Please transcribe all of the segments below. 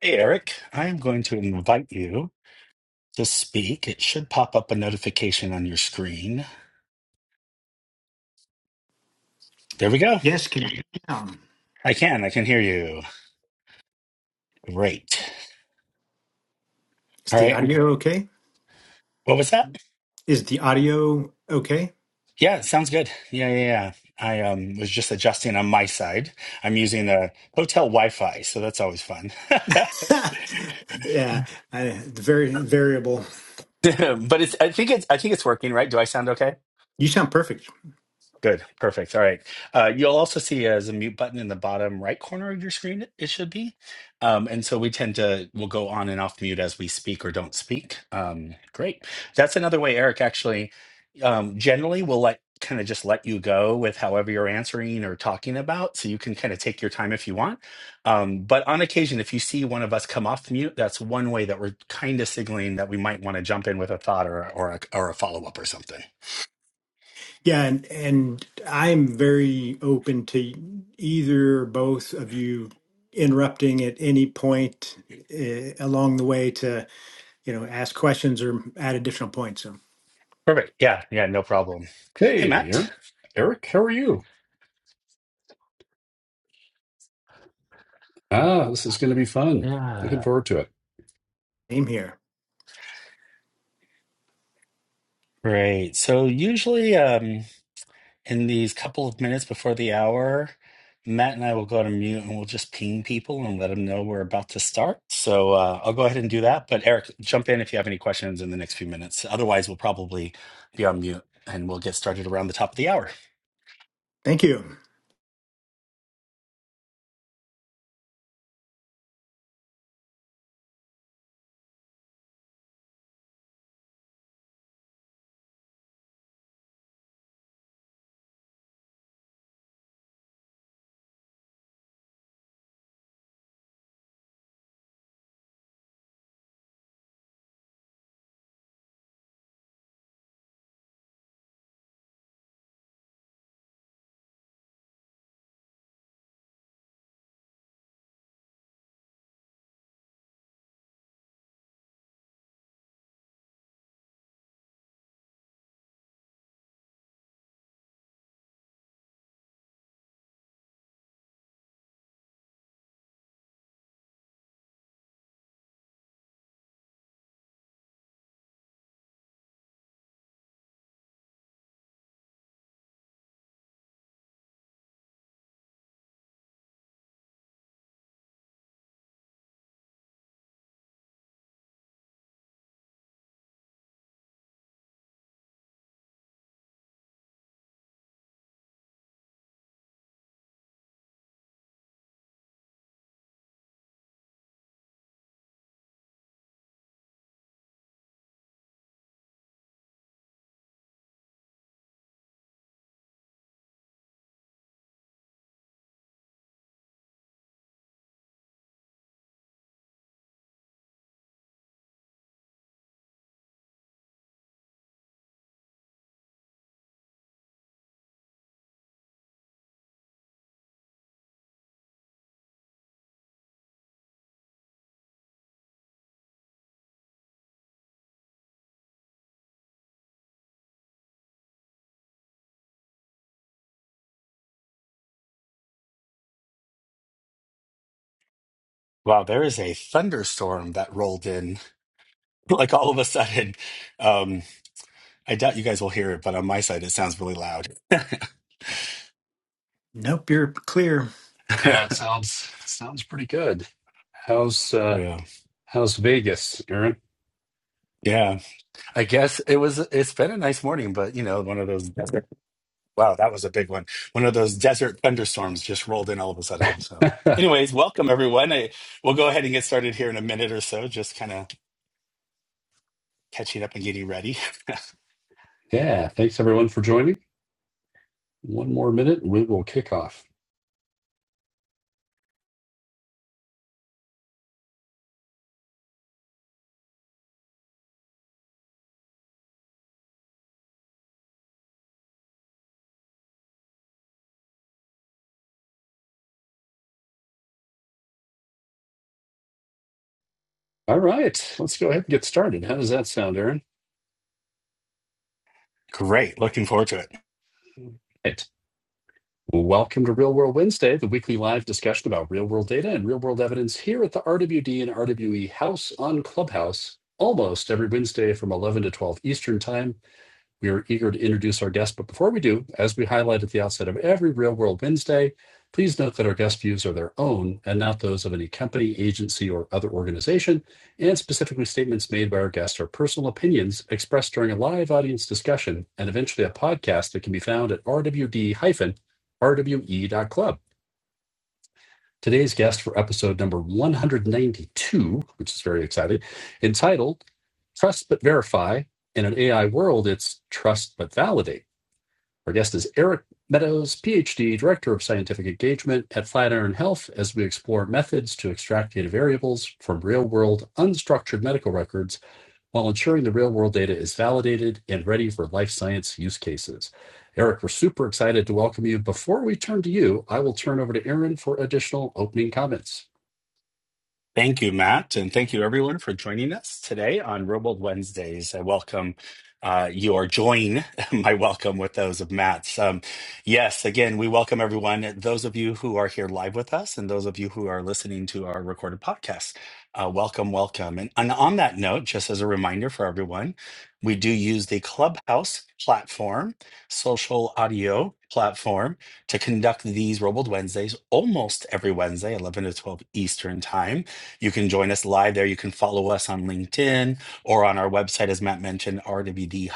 Hey, Eric, I'm going to invite you to speak. It should pop up a notification on your screen. There we go. Yes, can you um, I can. I can hear you. Great. Is All the right. And audio okay? what was that? Is the audio okay? Yeah, it sounds good. Yeah, yeah, yeah. I um, was just adjusting on my side. I'm using a hotel Wi-Fi, so that's always fun. but yeah, I, the very variable. it's. I think it's. I think it's working, right? Do I sound okay? You sound perfect. Good. Perfect. All right. Uh, you'll also see as a mute button in the bottom right corner of your screen, it it should be. Um, and so we tend to, we'll go on and off mute as we speak or don't speak. Um, great. That's another way, Eric, actually, um, generally we'll let kind of just let you go with however you're answering or talking about. So you can kind of take your time if you want. Um, but on occasion, if you see one of us come off mute, that's one way that we're kind of signaling that we might want to jump in with a thought or, or a, or a follow up or something. Yeah, and and I'm very open to either or both of you interrupting at any point uh, along the way to you know ask questions or add additional points. So Perfect. Yeah, yeah, no problem. Hey, Hey, Matt. Eric. Eric, how are you? Ah, this is going to be fun. Looking Yeah. forward to it. same here. Great. So usually um in these couple of minutes before the hour, Matt and I will go to mute and we'll just ping people and let them know we're about to start. So uh, I'll go ahead and do that. But Eric, jump in if you have any questions in the next few minutes. Otherwise, we'll probably be on mute and we'll get started around the top of the hour. Thank you. Wow, there is a thunderstorm that rolled in like all of a sudden. Um, I doubt you guys will hear it, but on my side, it sounds really loud. Nope, you're clear. Yeah, it sounds it sounds pretty good. How's uh Yeah. how's Vegas, Aaron? Yeah. I guess it was, it's been a nice morning, but you know, one of those desert, wow, that was a big one. One of those desert thunderstorms just rolled in all of a sudden. So, anyways, welcome everyone. I, we'll go ahead and get started here in a minute or so, just kind of catching up and getting ready. Yeah, thanks everyone for joining. One more minute and we will kick off. All right, let's go ahead and get started. How does that sound, Aaron? Great. Looking forward to it. Right. Welcome to Real World Wednesday, the weekly live discussion about real world data and real world evidence here at the RWD and RWE House on Clubhouse, almost every Wednesday from 11 to 12 Eastern Time. We are eager to introduce our guest, but before we do, as we highlight at the outset of every Real World Wednesday, please note that our guest views are their own and not those of any company, agency, or other organization, and specifically statements made by our guests are personal opinions expressed during a live audience discussion and eventually a podcast that can be found at rwd-rwe.club. Today's guest for episode number 192, which is very exciting, entitled Trust But Verify. In an AI world, it's Trust But Validate. Our guest is Eric Meadows, PhD, Director of Scientific Engagement at Flatiron Health, as we explore methods to extract data variables from real world unstructured medical records while ensuring the real world data is validated and ready for life science use cases. Eric, we're super excited to welcome you. Before we turn to you, I will turn over to Aaron for additional opening comments. Thank you, Matt, and thank you everyone for joining us today on Robold Wednesdays. I welcome uh, your join my welcome with those of Matt's. Um, yes, again, we welcome everyone. Those of you who are here live with us, and those of you who are listening to our recorded podcast, uh, welcome, welcome. And, and on that note, just as a reminder for everyone, we do use the Clubhouse platform, social audio platform, to conduct these Robold Wednesdays almost every Wednesday, 11 to 12 Eastern Time. You can join us live there. You can follow us on LinkedIn or on our website, as Matt mentioned, rwd-rwe.club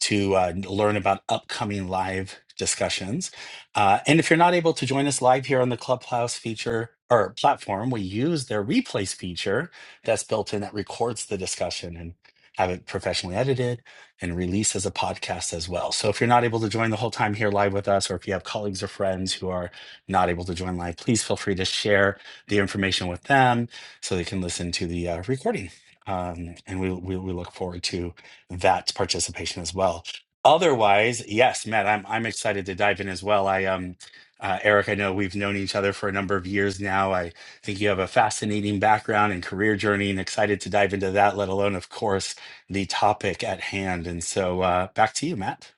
to uh, learn about upcoming live discussions. Uh, and if you're not able to join us live here on the Clubhouse feature or platform, we use their replays feature that's built in that records the discussion and have it professionally edited and released as a podcast as well. So if you're not able to join the whole time here live with us, or if you have colleagues or friends who are not able to join live, please feel free to share the information with them so they can listen to the uh, recording. Um, and we, we we look forward to that participation as well. Otherwise, yes, Matt, I'm I'm excited to dive in as well. I um uh, Eric, I know we've known each other for a number of years now. I think you have a fascinating background and career journey, and excited to dive into that. Let alone, of course, the topic at hand. And so, uh, back to you, Matt.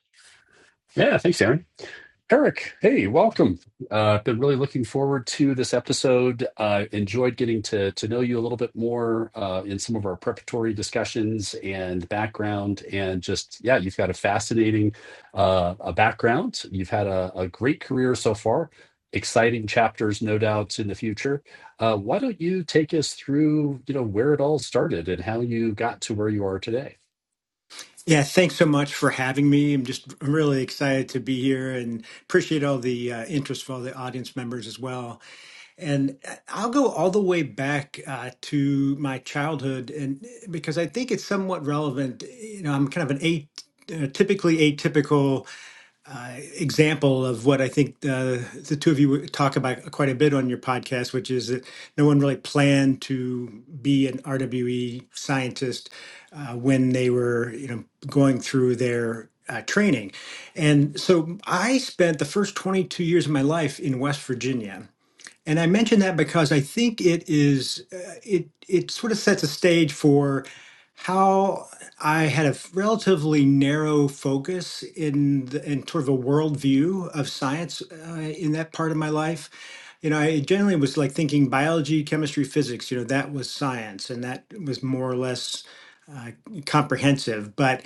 Yeah, thanks, Aaron. Eric, hey, welcome. Uh, been really looking forward to this episode. Uh, enjoyed getting to to know you a little bit more uh, in some of our preparatory discussions and background, and just yeah, you've got a fascinating uh, a background. You've had a, a great career so far. Exciting chapters, no doubt, in the future. Uh, why don't you take us through, you know, where it all started and how you got to where you are today? Yeah, thanks so much for having me. I'm just really excited to be here and appreciate all the uh, interest from all the audience members as well. And uh, I'll go all the way back uh, to my childhood, and because I think it's somewhat relevant. You know, I'm kind of an a, uh, typically atypical example of what I think uh, the two of you talk about quite a bit on your podcast, which is that no one really planned to be an RWE scientist uh, when they were, you know, going through their uh, training. And so I spent the first 22 years of my life in West Virginia. And I mention that because I think it is uh, it it sort of sets a stage for how I had a relatively narrow focus in the, in sort of a worldview of science uh, in that part of my life. You know, I generally was like thinking biology, chemistry, physics. You know, that was science, and that was more or less uh, comprehensive. But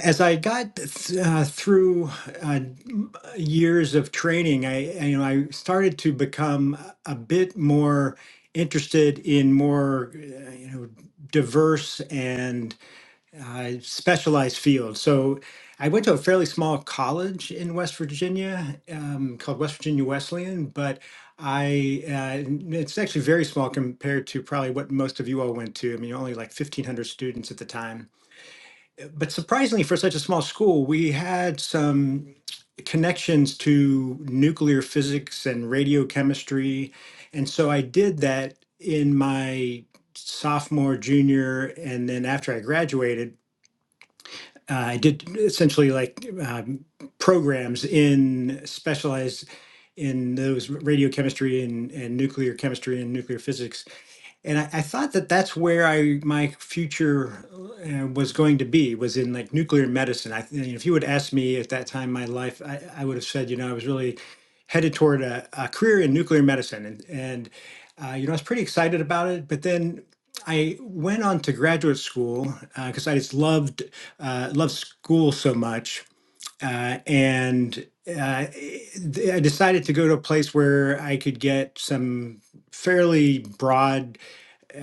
as I got th- uh, through uh, years of training, I, I, you know, I started to become a bit more interested in more, uh, you know, diverse and uh, specialized fields. So I went to a fairly small college in West Virginia um, called West Virginia Wesleyan, but I uh, it's actually very small compared to probably what most of you all went to. I mean, only like 1,500 students at the time but surprisingly for such a small school we had some connections to nuclear physics and radiochemistry and so i did that in my sophomore junior and then after i graduated uh, i did essentially like um, programs in specialized in those radiochemistry and, and nuclear chemistry and nuclear physics and I, I thought that that's where I my future uh, was going to be was in like nuclear medicine. I th- if you would ask me at that time in my life, I, I would have said you know I was really headed toward a, a career in nuclear medicine, and and uh, you know I was pretty excited about it. But then I went on to graduate school because I just loved uh, loved school so much, uh, and. Uh, I decided to go to a place where I could get some fairly broad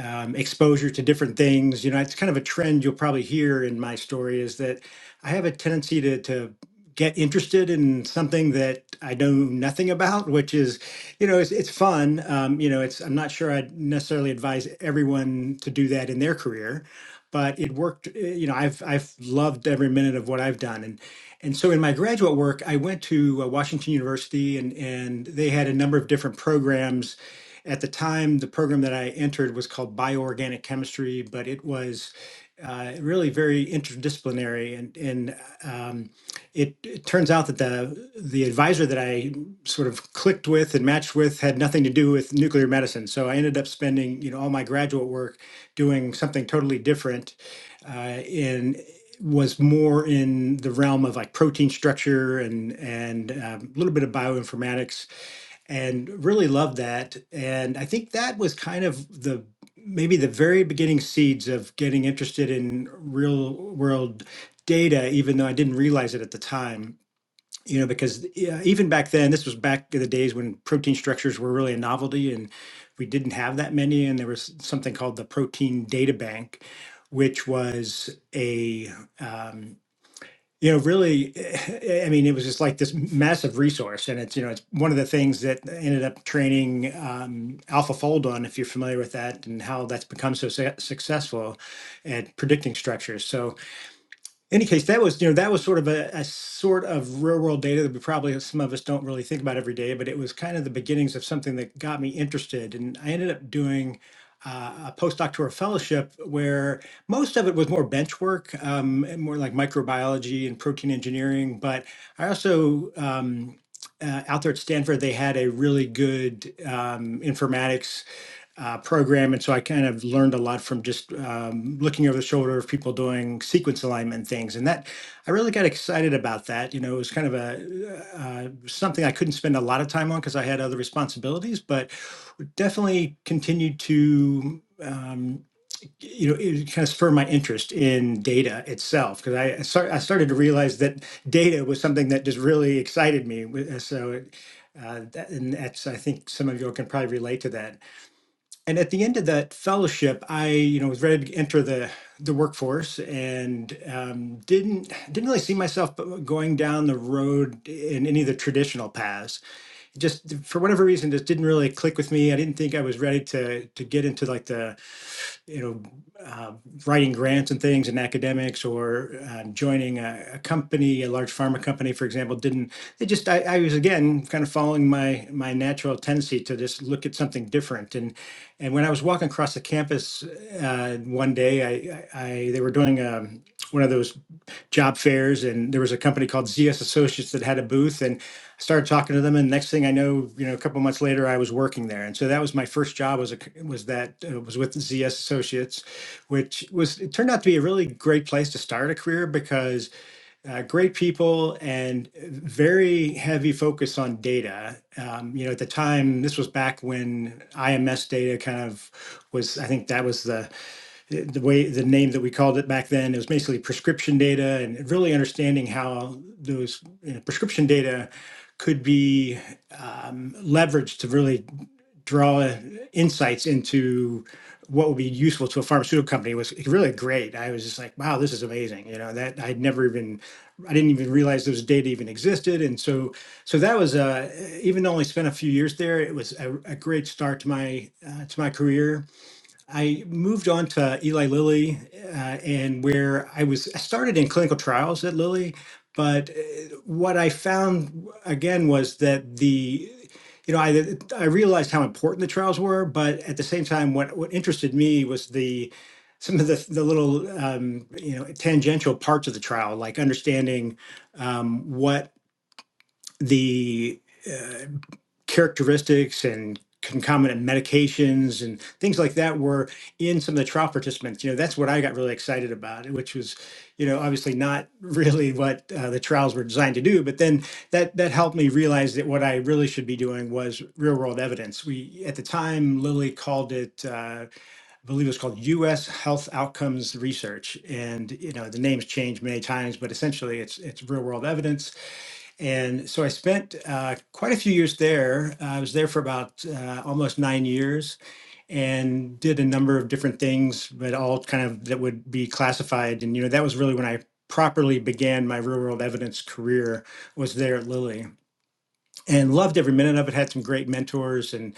um, exposure to different things. You know, it's kind of a trend you'll probably hear in my story is that I have a tendency to to get interested in something that I know nothing about, which is, you know, it's, it's fun. Um, you know, it's I'm not sure I'd necessarily advise everyone to do that in their career but it worked. eh, You know, I've I've loved every minute of what I've done, and and so in my graduate work, I went to uh, Washington University, and and they had a number of different programs. At the time, the program that I entered was called bioorganic chemistry, but it was uh, really very interdisciplinary, and and um, it, it turns out that the the advisor that I sort of clicked with and matched with had nothing to do with nuclear medicine. So I ended up spending you know all my graduate work doing something totally different, uh, and was more in the realm of like protein structure and and um, a um, little bit of bioinformatics and really loved that. And I think that was kind of the maybe the very beginning seeds of getting interested in real world data, even though I didn't realize it at the time. You know, because yeah, even back then, this was back in the days when protein structures were really a novelty and we didn't have that many. And there was something called the Protein Data Bank, which was a um, you know, really, eh, I mean, it was just like this massive resource, and it's you know, it's one of the things that ended up training um, AlphaFold on, if you're familiar with that, and how that's become so su- successful at predicting structures. So any case, that was you know that was sort of a, a sort of real world data that we probably some of us don't really think about every day, but it was kind of the beginnings of something that got me interested, and I ended up doing. Uh, a postdoctoral fellowship where most of it was more bench work, um, and more like microbiology and protein engineering. But I also, um, uh, out there at Stanford, they had a really good um, informatics uh, program. And so I kind of learned a lot from just um, looking over the shoulder of people doing sequence alignment things. And that I really got excited about that. You know, it was kind of a uh, uh, something I couldn't spend a lot of time on because I had other responsibilities, but definitely continued to. Um, you know, it kind of spurred my interest in data itself because I, I start, I started to realize that data was something that just really excited me. wi- So, it, uh, that, and that's I think some of you all can probably relate to that and at the end of that fellowship, I you know was ready to enter the the workforce and um, didn't didn't really see myself going down the road in any of the traditional paths. Just for whatever reason, just didn't really click with me. I didn't think I was ready to to get into like the you know, uh, writing grants and things and academics or uh, joining a, a company, a large pharma company, for example, didn't. They just, I, I was again kind of following my my natural tendency to just look at something different. And and when I was walking across the campus uh, one day, I, I, I they were doing um one of those job fairs, and there was a company called ZS Associates that had a booth, and I started talking to them, and next thing I know, you know, a couple months later, I was working there, and so that was my first job was a was that uh, was with ZS Associates, which was it turned out to be a really great place to start a career because uh, great people and very heavy focus on data. Um, you know, at the time, this was back when IMS data kind of was. I think that was the the way the name that we called it back then. It was basically prescription data, and really understanding how those you know, prescription data could be um, leveraged to really draw insights into what would be useful to a pharmaceutical company was really great. I was just like, wow, this is amazing. You know, that I'd never even, I didn't even realize those data even existed. And so, so that was, uh, even though I only spent a few years there, it was a, a great start to my, uh, to my career I moved on to Eli Lilly, uh, and where I was, I started in clinical trials at Lilly, but uh, what I found again was that the, you know, I I realized how important the trials were, but at the same time, what what interested me was the some of the the little um, you know tangential parts of the trial, like understanding um, what the uh, characteristics and concomitant medications and things like that were in some of the trial participants. You know, that's what I got really excited about, which was, you know, obviously not really what uh, the trials were designed to do. But then that that helped me realize that what I really should be doing was real world evidence. We at the time Lilly called it. Uh, I believe it was called U.S. Health Outcomes Research, and you know the names changed many times, but essentially it's it's real world evidence and so I spent uh, quite a few years there. Uh, I was there for about uh, almost nine years and did a number of different things, but all kind of that would be classified. And, you know, that was really when I properly began my real world evidence career was there at Lilly and loved every minute of it. Had some great mentors and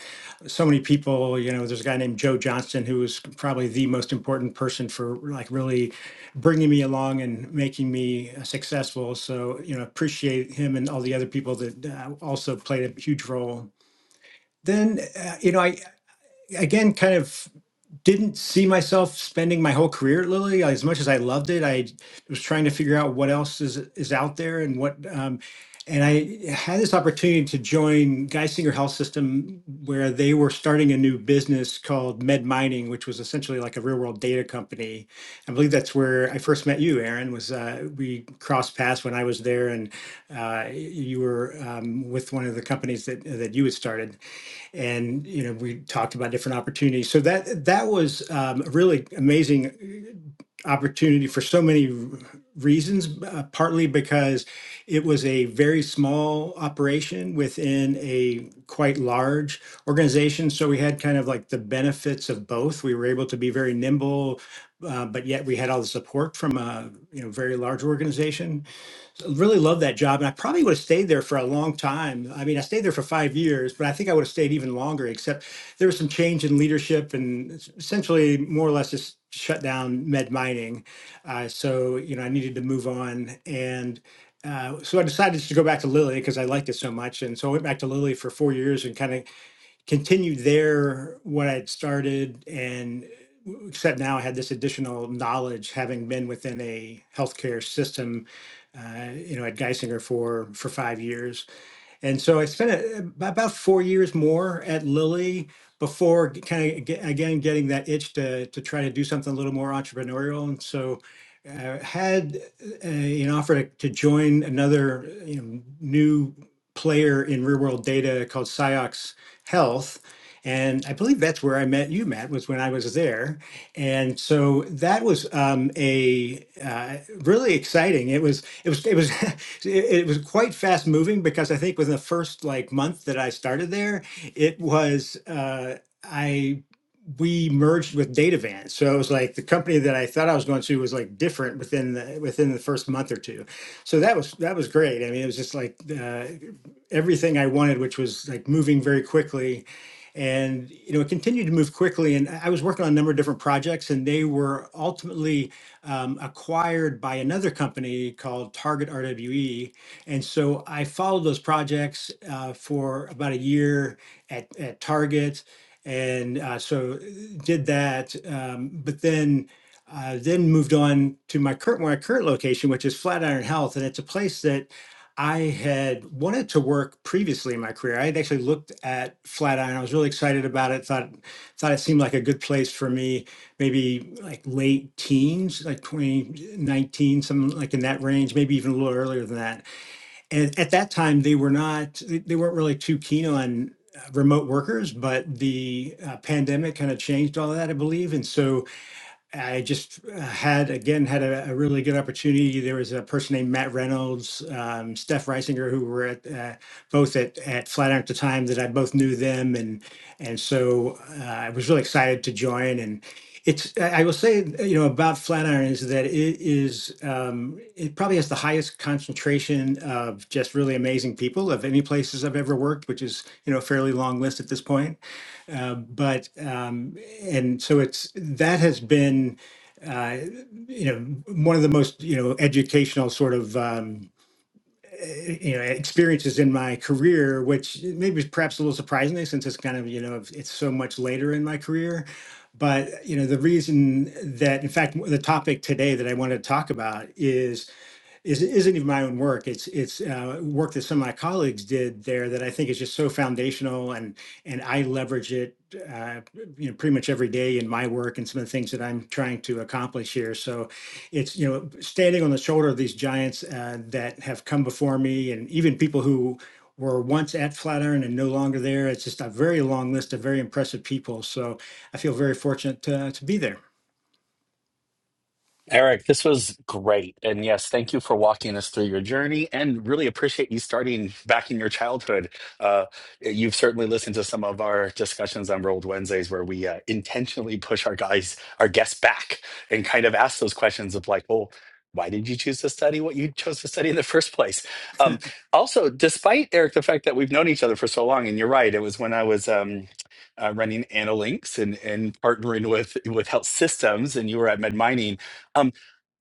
so many people. You know, there's a guy named Joe Johnston who was probably the most important person for like really bringing me along and making me successful. So you know, appreciate him and all the other people that uh, also played a huge role. Then uh, you know, I again kind of didn't see myself spending my whole career at Lilly. Like, As much as I loved it, I was trying to figure out what else is is out there and what. Um, and I had this opportunity to join Geisinger Health System, where they were starting a new business called Med Mining, which was essentially like a real world data company. I believe that's where I first met you, Aaron. Was uh, we crossed paths when I was there, and uh, you were um, with one of the companies that that you had started and you know we talked about different opportunities. So that that was um, a really amazing uh, opportunity for so many reasons. Uh, partly because it was a very small operation within a quite large organization, so we had kind of like the benefits of both. We were able to be very nimble, uh, but yet we had all the support from a you know very large organization so really loved that job, and I probably would have stayed there for a long time. I mean, I stayed there for five years, but I think I would have stayed even longer, except there was some change in leadership and essentially more or less just shut down med mining. Uh, so, you know, I needed to move on. And uh, so I decided to go back to Lilly because I liked it so much. And so I went back to Lilly for four years and kind of continued there what I'd started, and except now I had this additional knowledge, having been within a healthcare system, uh, you know, at Geisinger for for five years and so I spent a- about four years more at Lilly before kind of get, again getting that itch to to try to do something a little more entrepreneurial. And so uh, had uh, an offer to join another you know, new player in real world data called Ciox Health. And I believe that's where I met you, Matt, was when I was there. And so that was um, a uh, really exciting. It was it was it was it, it was quite fast moving because I think within the first like month that I started there, it was uh, I we merged with Datavan. So it was like the company that I thought I was going to was like different within the within the first month or two. So that was that was great. I mean, it was just like uh, everything I wanted, which was like moving very quickly. And you know, it continued to move quickly. And I was working on a number of different projects, and they were ultimately um, acquired by another company called Target RWE. And so I followed those projects uh, for about a year at, at Target and uh, so uh, did that. Um, but then uh, then moved on to my current my current location, which is Flatiron Health, and it's a place that I had wanted to work previously in my career. I had actually looked at Flatiron. I was really excited about it. thought thought it seemed like a good place for me. Maybe like late teens, like 2019, something like in that range, maybe even a little earlier than that and at that time, they were not, they weren't really too keen on uh, remote workers, but the uh, pandemic kind of changed all that, I believe. And so I just uh, had again had a, a really good opportunity. There was a person named Matt Reynolds, um, Steph Reisinger, who were at uh, both at, at Flatiron at the time that I both knew them, and and so uh, I was really excited to join. And it's I I will say you know about Flatiron is that it is um, it probably has the highest concentration of just really amazing people of any places I've ever worked, which is you know a fairly long list at this point uh, but um, and so it's that has been uh, you know one of the most you know educational sort of um, eh, you know experiences in my career, which maybe is perhaps a little surprisingly since it's kind of you know it's so much later in my career. But you know the reason that in fact the topic today that I wanted to talk about is is isn't even my own work. It's it's uh, work that some of my colleagues did there that I think is just so foundational, and and I leverage it, uh, you know, pretty much every day in my work and some of the things that I'm trying to accomplish here. So, it's you know, standing on the shoulder of these giants uh, that have come before me, and even people who were once at Flatiron and no longer there. It's just a very long list of very impressive people. So I feel very fortunate to, to be there. Eric, this was great. And yes, thank you for walking us through your journey and really appreciate you starting back in your childhood. Uh, you've certainly listened to some of our discussions on Rolled Wednesdays where we uh, intentionally push our guys, our guests back and kind of ask those questions of like, well, why did you choose to study what you chose to study in the first place? Um, also, despite Eric, the fact that we've known each other for so long, and you're right, it was when I was um, uh, running Analinks and, and partnering with with Health Systems, and you were at MedMining um,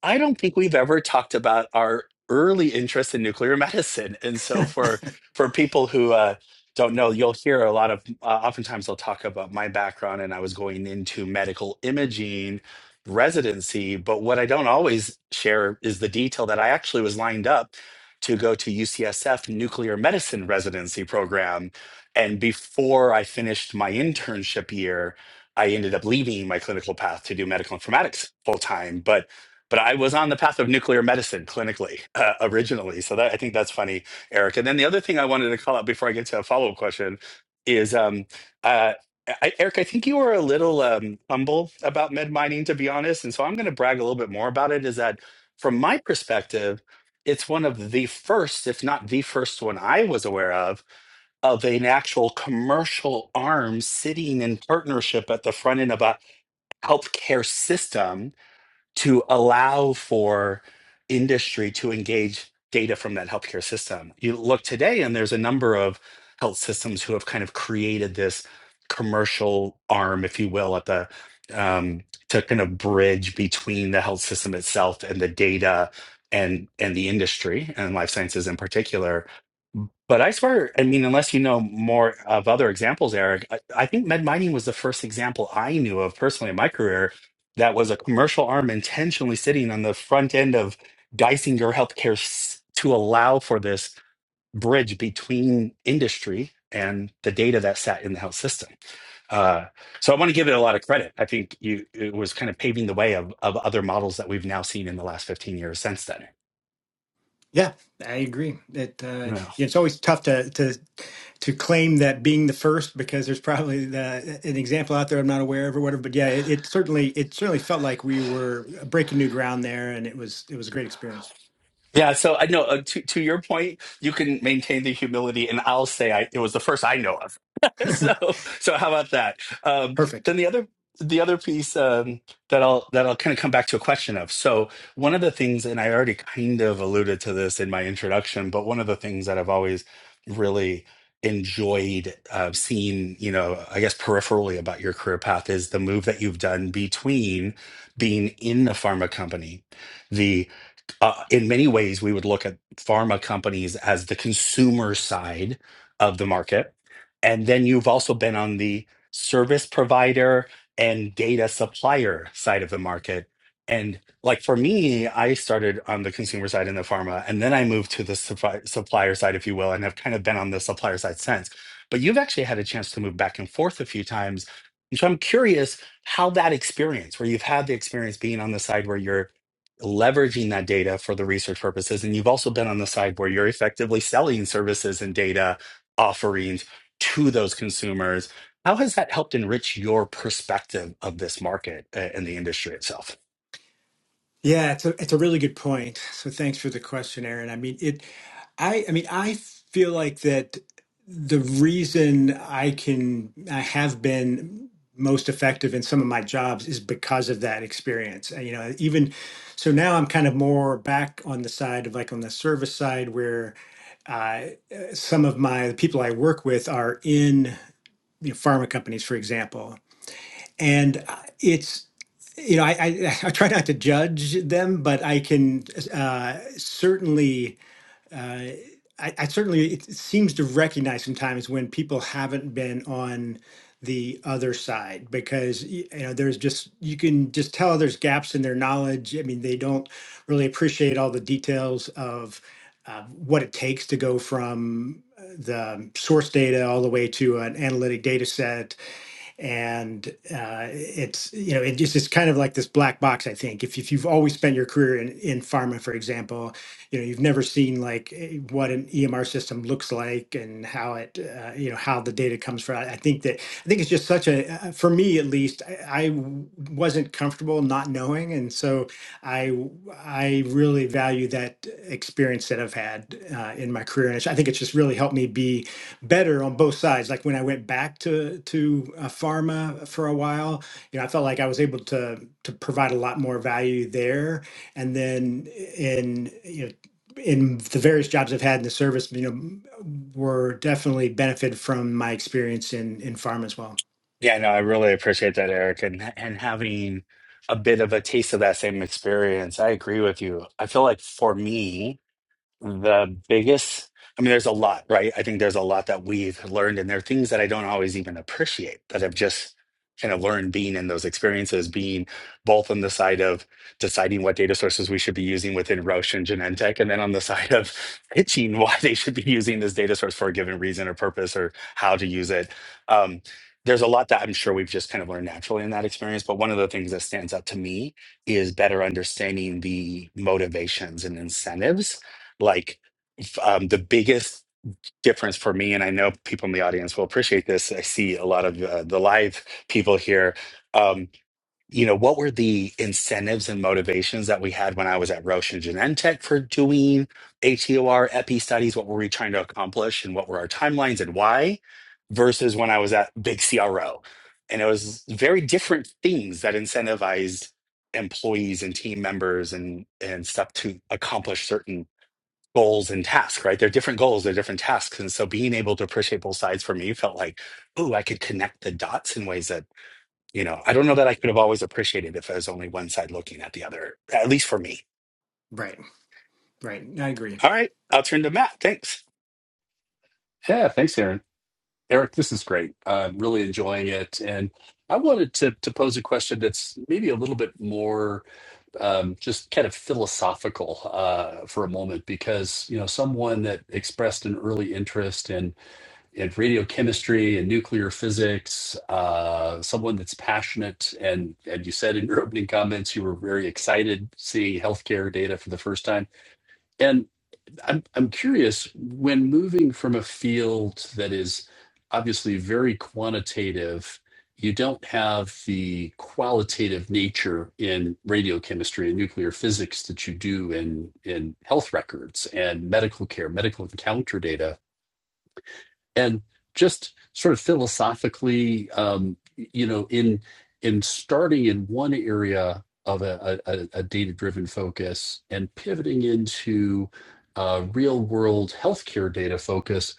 I don't think we've ever talked about our early interest in nuclear medicine, and so for for people who uh, don't know, you'll hear a lot of. Uh, oftentimes, they'll talk about my background, and I was going into medical imaging residency. But what I don't always share is the detail that I actually was lined up to go to UCSF nuclear medicine residency program, and before I finished my internship year. I ended up leaving my clinical path to do medical informatics full time, but but I was on the path of nuclear medicine clinically uh, originally. So that I think that's funny, Eric. And then the other thing I wanted to call out before I get to a follow up question is, um, uh, I, Eric, I think you were a little um, humble about med mining, to be honest. And so I'm going to brag a little bit more about it. Is that from my perspective, it's one of the first, if not the first one I was aware of of an actual commercial arm sitting in partnership at the front end of a healthcare system to allow for industry to engage data from that healthcare system. You look today, and there's a number of health systems who have kind of created this commercial arm, if you will, at the um, to kind of bridge between the health system itself and the data and and the industry and life sciences in particular but I swear, I mean, unless you know more of other examples, Eric, I, I think med mining was the first example I knew of personally in my career that was a commercial arm intentionally sitting on the front end of Geisinger Healthcare s- to allow for this bridge between industry and the data that sat in the health system. Uh, so I want to give it a lot of credit. I think you, it was kind of paving the way of, of other models that we've now seen in the last 15 years since then. Yeah, I agree. It uh, it's always tough to to to claim that being the first because there's probably the, an example out there I'm not aware of or whatever. But yeah, it, it certainly it certainly felt like we were breaking new ground there, and it was it was a great experience. Yeah, so I know uh, to to your point, you can maintain the humility, and I'll say I, it was the first I know of. so so how about that? Um, Perfect. then the other the other piece um, that I'll that I'll kind of come back to a question of. So one of the things, and I already kind of alluded to this in my introduction, but one of the things that I've always really enjoyed uh, seeing, you know, I guess peripherally about your career path is the move that you've done between being in the pharma company the uh, in many ways, we would look at pharma companies as the consumer side of the market. And then you've also been on the service provider and data supplier side of the market. And like for me, I started on the consumer side in the pharma, and then I moved to the suppli- supplier side, if you will, and have kind of been on the supplier side since. But you've actually had a chance to move back and forth a few times. And so I'm curious how that experience, where you've had the experience being on the side where you're leveraging that data for the research purposes. And you've also been on the side where you're effectively selling services and data offerings to those consumers. How has that helped enrich your perspective of this market uh, and the industry itself? Yeah, it's a, it's a really good point. So thanks for the question, Aaron. I mean, it, I, I mean, I feel like that the reason I can, I have been most effective in some of my jobs is because of that experience. And, you know, even, so now I'm kind of more back on the side of like on the service side where uh, some of my, the people I work with are in, you know, pharma companies, for example. And uh, it's, you know, I, I I try not to judge them, but I can uh, certainly. Uh, I, I certainly it seems to recognize sometimes when people haven't been on the other side because y- you know there's just you can just tell there's gaps in their knowledge. I mean, they don't really appreciate all the details of uh, what it takes to go from uh, the source data all the way to an analytic data set and uh, it's you know it just it's kind of like this black box i think if, if you've always spent your career in, in pharma for example you know you've never seen like eh, what an emr system looks like and how it uh, you know how the data comes from i I think that i think it's just such a uh, for me at least i, I w- wasn't comfortable not knowing and so i w- i really value that experience that i've had uh, in my career and it's- i think it's just really helped me be better on both sides. Like when I went back to to uh, pharma for a while, you know, I felt like I was able to to provide a lot more value there. And then in you know in the various jobs I've had in the service, you know, were definitely benefited from my experience in in pharma as well. Yeah, no, I really appreciate that, Eric, and and having a bit of a taste of that same experience. I agree with you. I feel like for me, the biggest i mean there's a lot right i think there's a lot that we've learned and there are things that i don't always even appreciate that i've just kind of learned being in those experiences being both on the side of deciding what data sources we should be using within roche and genentech and then on the side of pitching why they should be using this data source for a given reason or purpose or how to use it um, there's a lot that i'm sure we've just kind of learned naturally in that experience but one of the things that stands out to me is better understanding the motivations and incentives like f- um, the biggest difference for me and i know people in the audience will appreciate this i see a lot of uh, the live people here um, you know what were the incentives and motivations that we had when i was at roche and genentech for doing HEOR epi studies what were we trying to accomplish and what were our timelines and why versus when i was at big cro and it was very different things that incentivized employees and team members and and stuff to accomplish certain goals and tasks, right? They're different goals, they're different tasks. And so being able to appreciate both sides for me felt like, oh, I could connect the dots in ways that, you know, I don't know that I could have always appreciated if I was only one side looking at the other, at least for me. Right, right. I agree. All right, I'll turn to Matt. Thanks. Yeah, thanks, Aaron. Eric, this is great. I'm really enjoying it. And I wanted to, to pose a question that's maybe a little bit more um, just kind of philosophical uh, for a moment, because, you know, someone that expressed an early interest in, in radiochemistry and nuclear physics, uh, someone that's passionate, and, and you said in your opening comments you were very excited seeing healthcare data for the first time. and I'm I'm curious when moving from a field that is obviously very quantitative, you don't have the qualitative nature in radiochemistry and nuclear physics that you do in in health records and medical care, medical encounter data and just sort of philosophically um, you know in in starting in one area of a, a, a data driven focus and pivoting into uh, real world healthcare data focus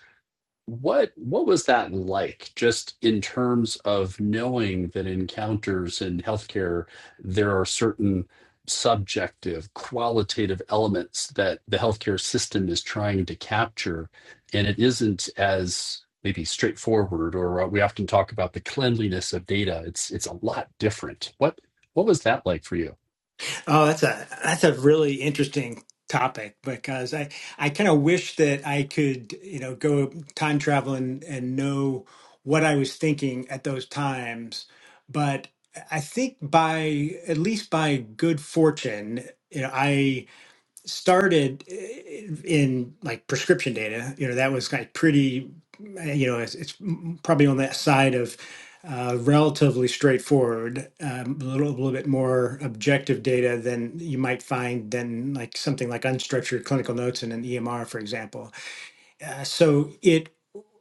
what what was that like, just in terms of knowing that encounters in healthcare, there are certain subjective, qualitative elements that the healthcare system is trying to capture, and it isn't as maybe straightforward, or uh, we often talk about the cleanliness of data. It's it's a lot different. What what was that like for you? Oh, that's a that's a really interesting topic because I I kind of wish that I could, you know, go time travel and and know what I was thinking at those times. But I think by at least by good fortune, you know, I started eh, in like prescription data you know that was like pretty eh, you know it's, it's probably on that side of uh, relatively straightforward um, a little, a little bit more objective data than you might find than like something like unstructured clinical notes in an emr for example uh, so it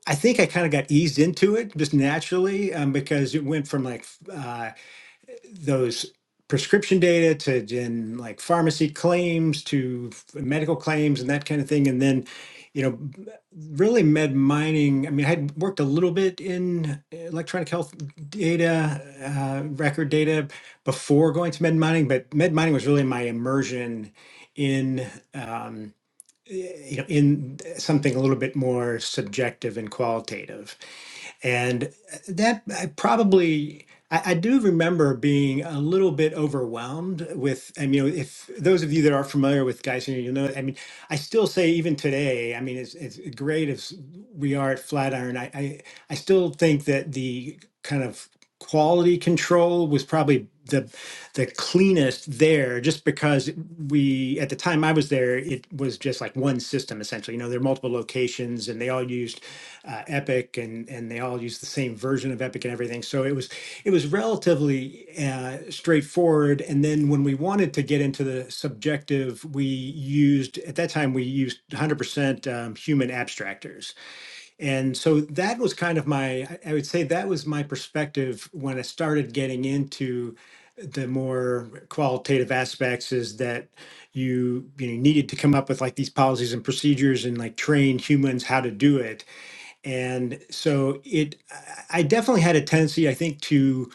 i think i kind of got eased into it just naturally um, because it went from like f- uh, those prescription data to then like pharmacy claims to f- medical claims and that kind of thing and then you know b- really med mining i mean i had worked a little bit in electronic health data uh, record data before going to med mining but med mining was really my immersion in um, you know, in something a little bit more subjective and qualitative. And uh, that I probably, I, I do remember being a little bit overwhelmed with, I mean, you know, if those of you that are familiar with Geisinger, you know, I mean, I still say even today, I mean, as, as great as we are at Flatiron, I, I, I still think that the kind of quality control was probably the the cleanest there just because we at the time I was there it was just like one system essentially you know there are multiple locations and they all used uh, epic and and they all used the same version of epic and everything so it was it was relatively uh, straightforward and then when we wanted to get into the subjective we used at that time we used 100% um, human abstractors and so that was kind of my, I would say that was my perspective when I started getting into the more qualitative aspects is that you, you know, needed to come up with like these policies and procedures and like train humans how to do it. And so it, I I definitely had a tendency, I think, to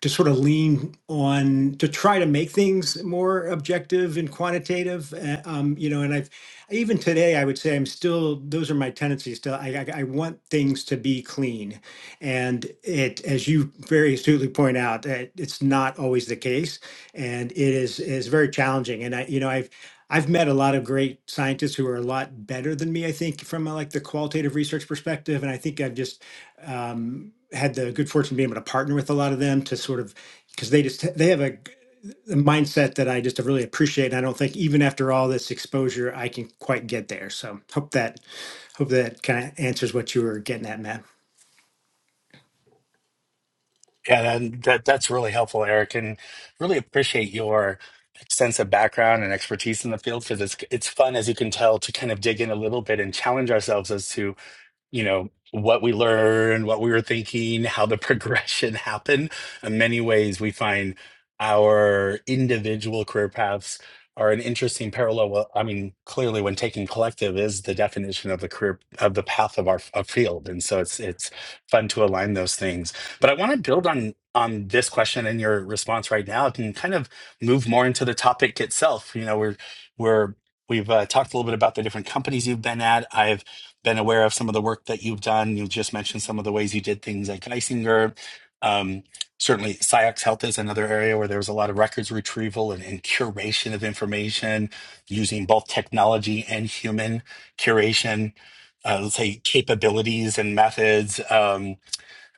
to sort of lean on to try to make things more objective and quantitative uh, um, you know and i've even today i would say i'm still those are my tendencies still I, I, I want things to be clean and it as you very astutely point out that it's not always the case and it is is very challenging and i you know i've I've met a lot of great scientists who are a lot better than me, I think, from a, like the qualitative research perspective. And I think I've just um, had the good fortune of being able to partner with a lot of them to sort of because they just they have a a mindset that I just really appreciate. And I don't think even after all this exposure, I can quite get there. So hope that hope that kind of answers what you were getting at, Matt. Yeah, that, that that's really helpful, Eric, and really appreciate your extensive background and expertise in the field because it's it's fun, as you can tell, to kind of dig in a little bit and challenge ourselves as to you know what we learned what we were thinking how the progression happened in many ways we find our individual career paths are an interesting parallel well i mean clearly when taken collective is the definition of the career of the path of our of field and so it's it's fun to align those things but i want to build on on this question and your response right now and kind of move more into the topic itself you know we're we're we've uh, talked a little bit about the different companies you've been at i've been aware of some of the work that you've done. You just mentioned some of the ways you did things at Geisinger. Um, certainly, SciX Health is another area where there was a lot of records retrieval and, and curation of information using both technology and human curation, uh, let's say capabilities and methods. Um,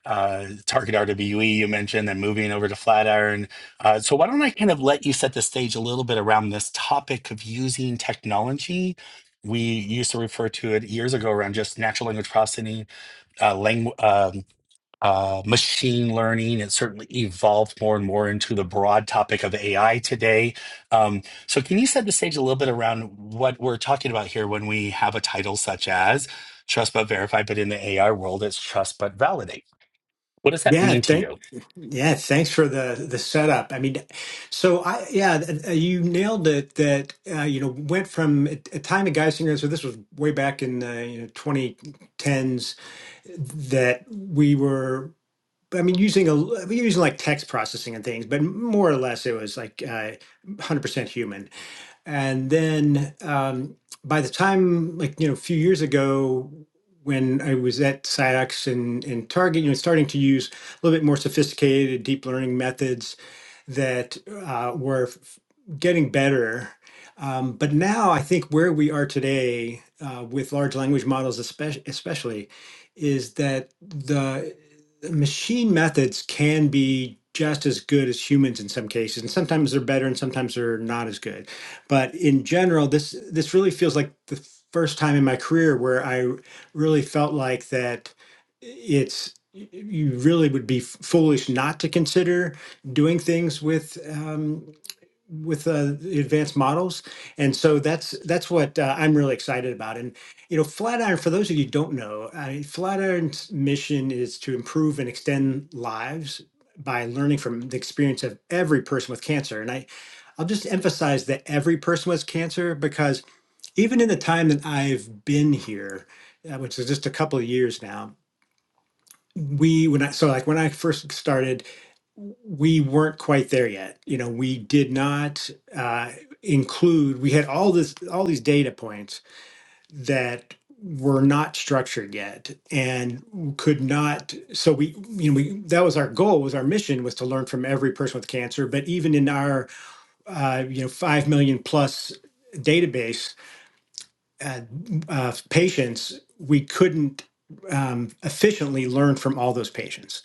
uh, target RWE you mentioned, and moving over to Flatiron. Uh, so why don't I kind of let you set the stage a little bit around this topic of using technology? We used to refer to it years ago around just natural language processing, uh, langu- um, uh, machine learning. It certainly evolved more and more into the broad topic of AI today. Um, so, can you set the stage a little bit around what we're talking about here when we have a title such as Trust But Verify, but in the AI world, it's Trust But Validate? What does that Yeah, mean to thank you? yeah, thanks for the the setup. I mean, so I yeah, th- uh, you nailed it. That uh, you know went from a a time of Geisinger. So this was way back in the you know twenty tens that we were. I mean, using a l- using like text processing and things, but more or less it was like uh, 100% human. And then um, by the time, like, you know, a few years ago, when I was at SciAx and, and Target, you know, starting to use a little bit more sophisticated deep learning methods that uh, were f- getting better. Um, but now I think where we are today uh, with large language models, especially, especially, is that the machine methods can be just as good as humans in some cases, and sometimes they're better and sometimes they're not as good. But in general, this this really feels like the first time in my career where I really felt like that it's you really would be foolish not to consider doing things with um, with uh, the advanced models. And so that's that's what uh, I'm really excited about. And you know, Flatiron, for those of you who don't know, I, mean, Flatiron's mission is to improve and extend lives by learning from the experience of every person with cancer. And I, I'll just emphasize that every person with cancer because even in the time that I've been here, uh, which is just a couple of years now, we when I so like when I first started we weren't quite there yet. You know, we did not uh, include. We had all this, all these data points that were not structured yet, and could not. So we, you know, we that was our goal. Was our mission was to learn from every person with cancer. But even in our, uh, you know, five million plus database uh, of patients, we couldn't um, efficiently learn from all those patients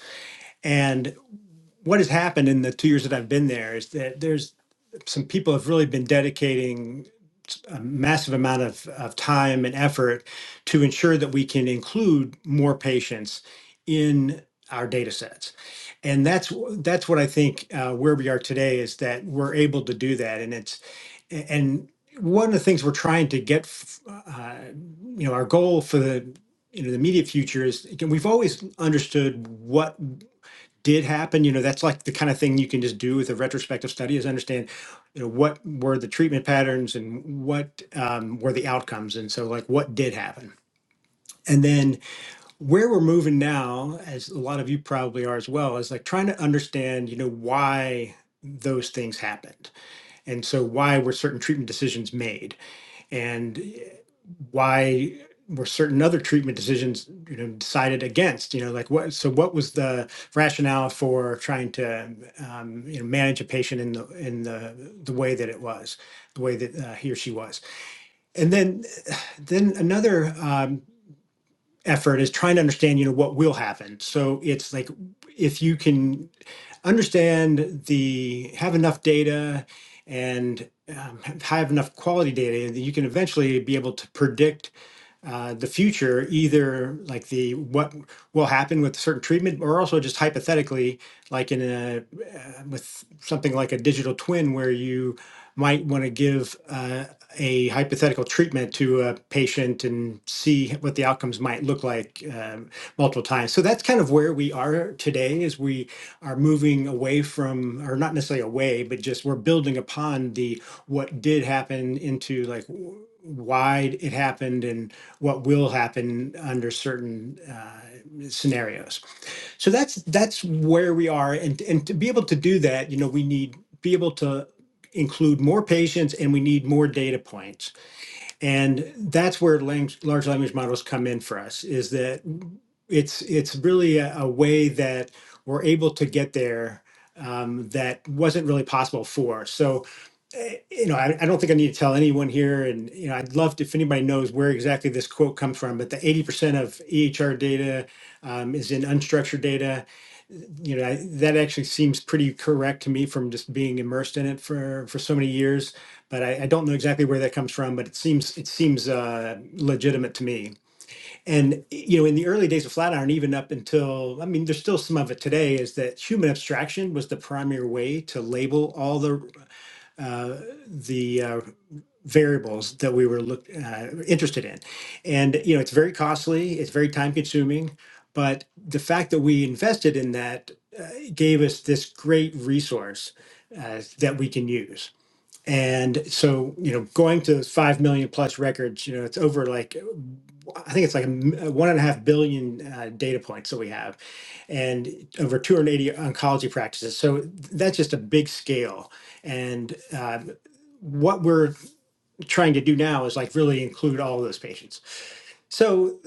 what has happened in the two years that I've been there is that there's some people have really been dedicating a massive amount of, of time and effort to ensure that we can include more patients in our data sets. And that's that's what I think uh, where we are today is that we're able to do that. And it's and one of the things we're trying to get, f- uh, you know, our goal for the you know the immediate future is again we've always understood what did happen you know that's like the kind of thing you can just do with a retrospective study is understand you know what were the treatment patterns and what um, were the outcomes and so like what did happen and then where we're moving now as a lot of you probably are as well is like trying to understand you know why those things happened and so why were certain treatment decisions made and why were certain other treatment decisions you know decided against you know like what so what was the rationale for trying to um, you know manage a patient in the in the the way that it was the way that uh, he or she was and then then another um, effort is trying to understand you know what will happen so it's like if you can understand the have enough data and um, have enough quality data that you can eventually be able to predict uh, the future, either like the what will happen with a certain treatment, or also just hypothetically, like in a uh, with something like a digital twin, where you might want to give uh, a hypothetical treatment to a patient and see what the outcomes might look like um multiple times. So that's kind of where we are today. Is we are moving away from, or not necessarily away, but just we're building upon the what did happen into like w- why it happened and what will happen under certain uh, scenarios. So that's that's where we are, and and to be able to do that, you know, we need be able to include more patients and we need more data points and that's where lang- large language models come in for us is that it's it's really a, a way that we're able to get there um, that wasn't really possible for so eh, you know I, I don't think i need to tell anyone here and you know i'd love to, if anybody knows where exactly this quote comes from but the 80% of ehr data um, is in unstructured data you know I, that actually seems pretty correct to me from just being immersed in it for for so many years but I, I don't know exactly where that comes from but it seems it seems uh, legitimate to me and you know in the early days of flatiron even up until i mean there's still some of it today is that human abstraction was the primary way to label all the uh, the uh, variables that we were look, uh, interested in. And you know, it's very costly, it's very time consuming, but the fact that we invested in that uh, gave us this great resource uh, that we can use. And so, you know, going to five million plus records, you know, it's over like I think it's like a m- uh, one and a half billion uh, data points that we have, and over 280 oncology practices. So that's just a big scale. And uh, what we're trying to do now is like really include all of those patients. So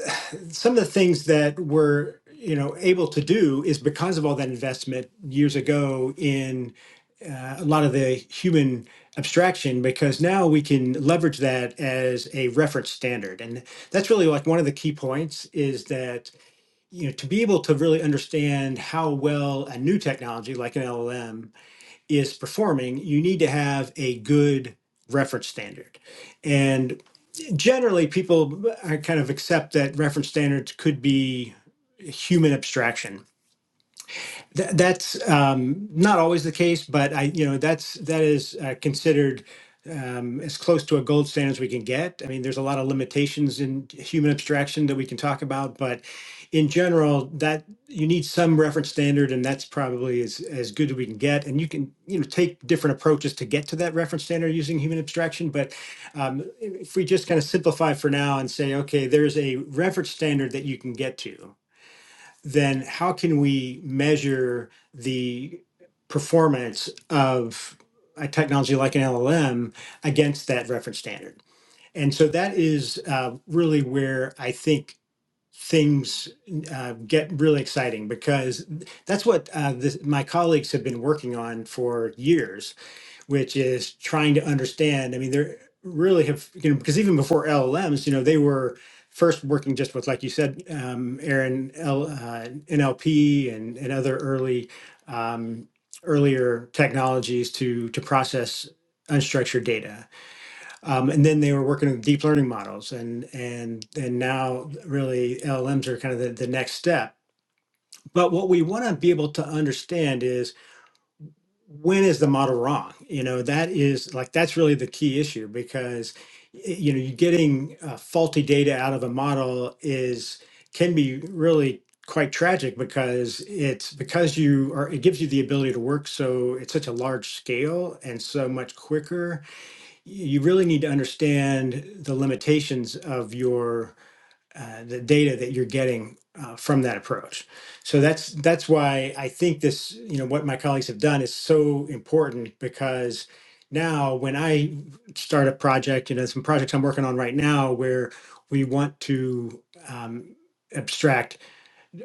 some of the things that we're you know able to do is because of all that investment years ago in uh, a lot of the human abstraction because now we can leverage that as a reference standard and that's really like one of the key points is that you know to be able to really understand how well a new technology like an LLM is performing you need to have a good reference standard and generally people uh, kind of accept that reference standards could be human abstraction Th- that's um, not always the case, but I, you know, that's that is uh, considered um, as close to a gold standard as we can get. I mean, there's a lot of limitations in human abstraction that we can talk about, but in general, that you need some reference standard, and that's probably as as good as we can get. And you can, you know, take different approaches to get to that reference standard using human abstraction. But um, if we just kind of simplify for now and say, okay, there's a reference standard that you can get to then how can we measure the performance of a technology like an LLM against that reference standard? And so that is uh, really where I think things uh, get really exciting because that's what uh, this, my colleagues have been working on for years which is trying to understand. I mean, they're really have you know because even before LLMs, you know, they were first working just with like you said, um, Aaron L, uh, NLP and and other early um, earlier technologies to to process unstructured data, um, and then they were working with deep learning models, and and and now really LLMs are kind of the, the next step. But what we want to be able to understand is when is the model wrong? You know, that is like that's really the key issue because y- you know, you're getting uh, faulty data out of a model is can be really quite tragic because it's because you are it gives you the ability to work so it's such a large scale and so much quicker. You really need to understand the limitations of your uh, the data that you're getting uh, from that approach. So that's that's why I think this, you know, what my colleagues have done is so important because now when I start a project, you know, some projects I'm working on right now where we want to um, abstract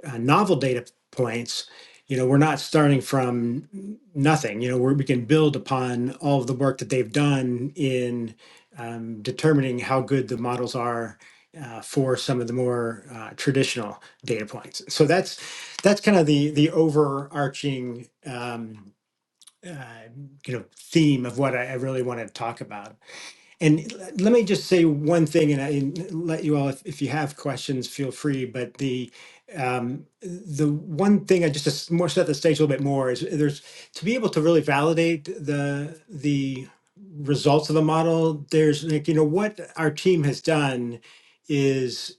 uh, novel data points, you know, we're not starting from nothing. You know, we're, we can build upon all of the work that they've done in um, determining how good the models are uh, for some of the more uh, traditional data points. So that's that's kind of the the overarching um, uh, you know theme of what I, I really want to talk about. And l- let me just say one thing, and I and let you all, if, if you have questions, feel free. But the um, the one thing I just to s- more set the stage a little bit more is there's to be able to really validate the the results of a model. There's like you know what our team has done is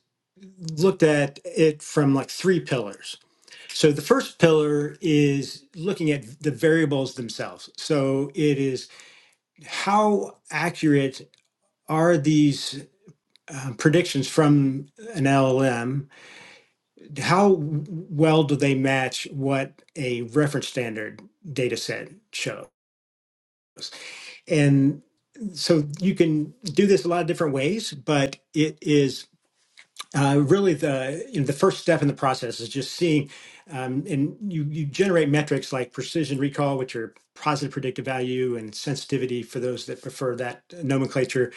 looked at it from like three pillars. So the first pillar is looking at the variables themselves. So it is how accurate are these uh, predictions from an LLM, how well do they match what a reference standard data set shows? And so you can do this a lot of different ways, but it is uh, really the you know, the first step in the process is just seeing um, and you you generate metrics like precision recall which are positive predictive value and sensitivity for those that prefer that nomenclature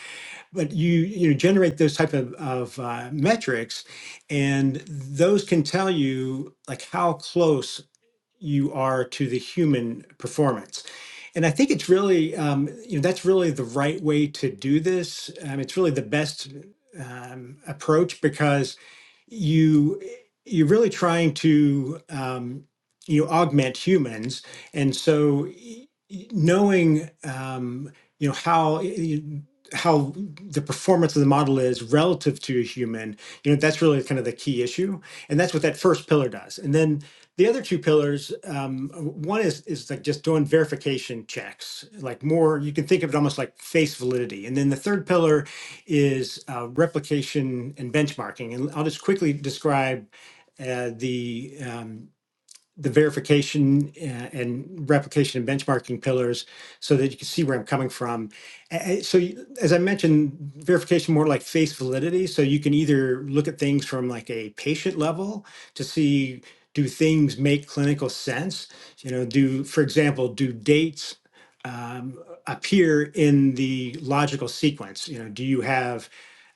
but you you know, generate those type of, of uh, metrics and those can tell you like how close you are to the human performance. And I think it's really, um, you know, that's really the right way to do this. Um, it's really the best um, approach because you you're really trying to um, you know, augment humans, and so y- y- knowing um, you know how. y- y- how the performance of the model is relative to a human you know that's really kind of the key issue and that's what that first pillar does and then the other two pillars um, uh, one is is like just doing verification checks like more you can think of it almost like face validity and then the third pillar is uh, replication and benchmarking. And I'll just quickly describe uh, the um, the verification uh, and replication and benchmarking pillars so that you can see where I'm coming from. So, as I mentioned, verification more like face validity. So, you can either look at things from like a patient level to see do things make clinical sense? You know, do, for example, do dates um, appear in the logical sequence? You know, do you have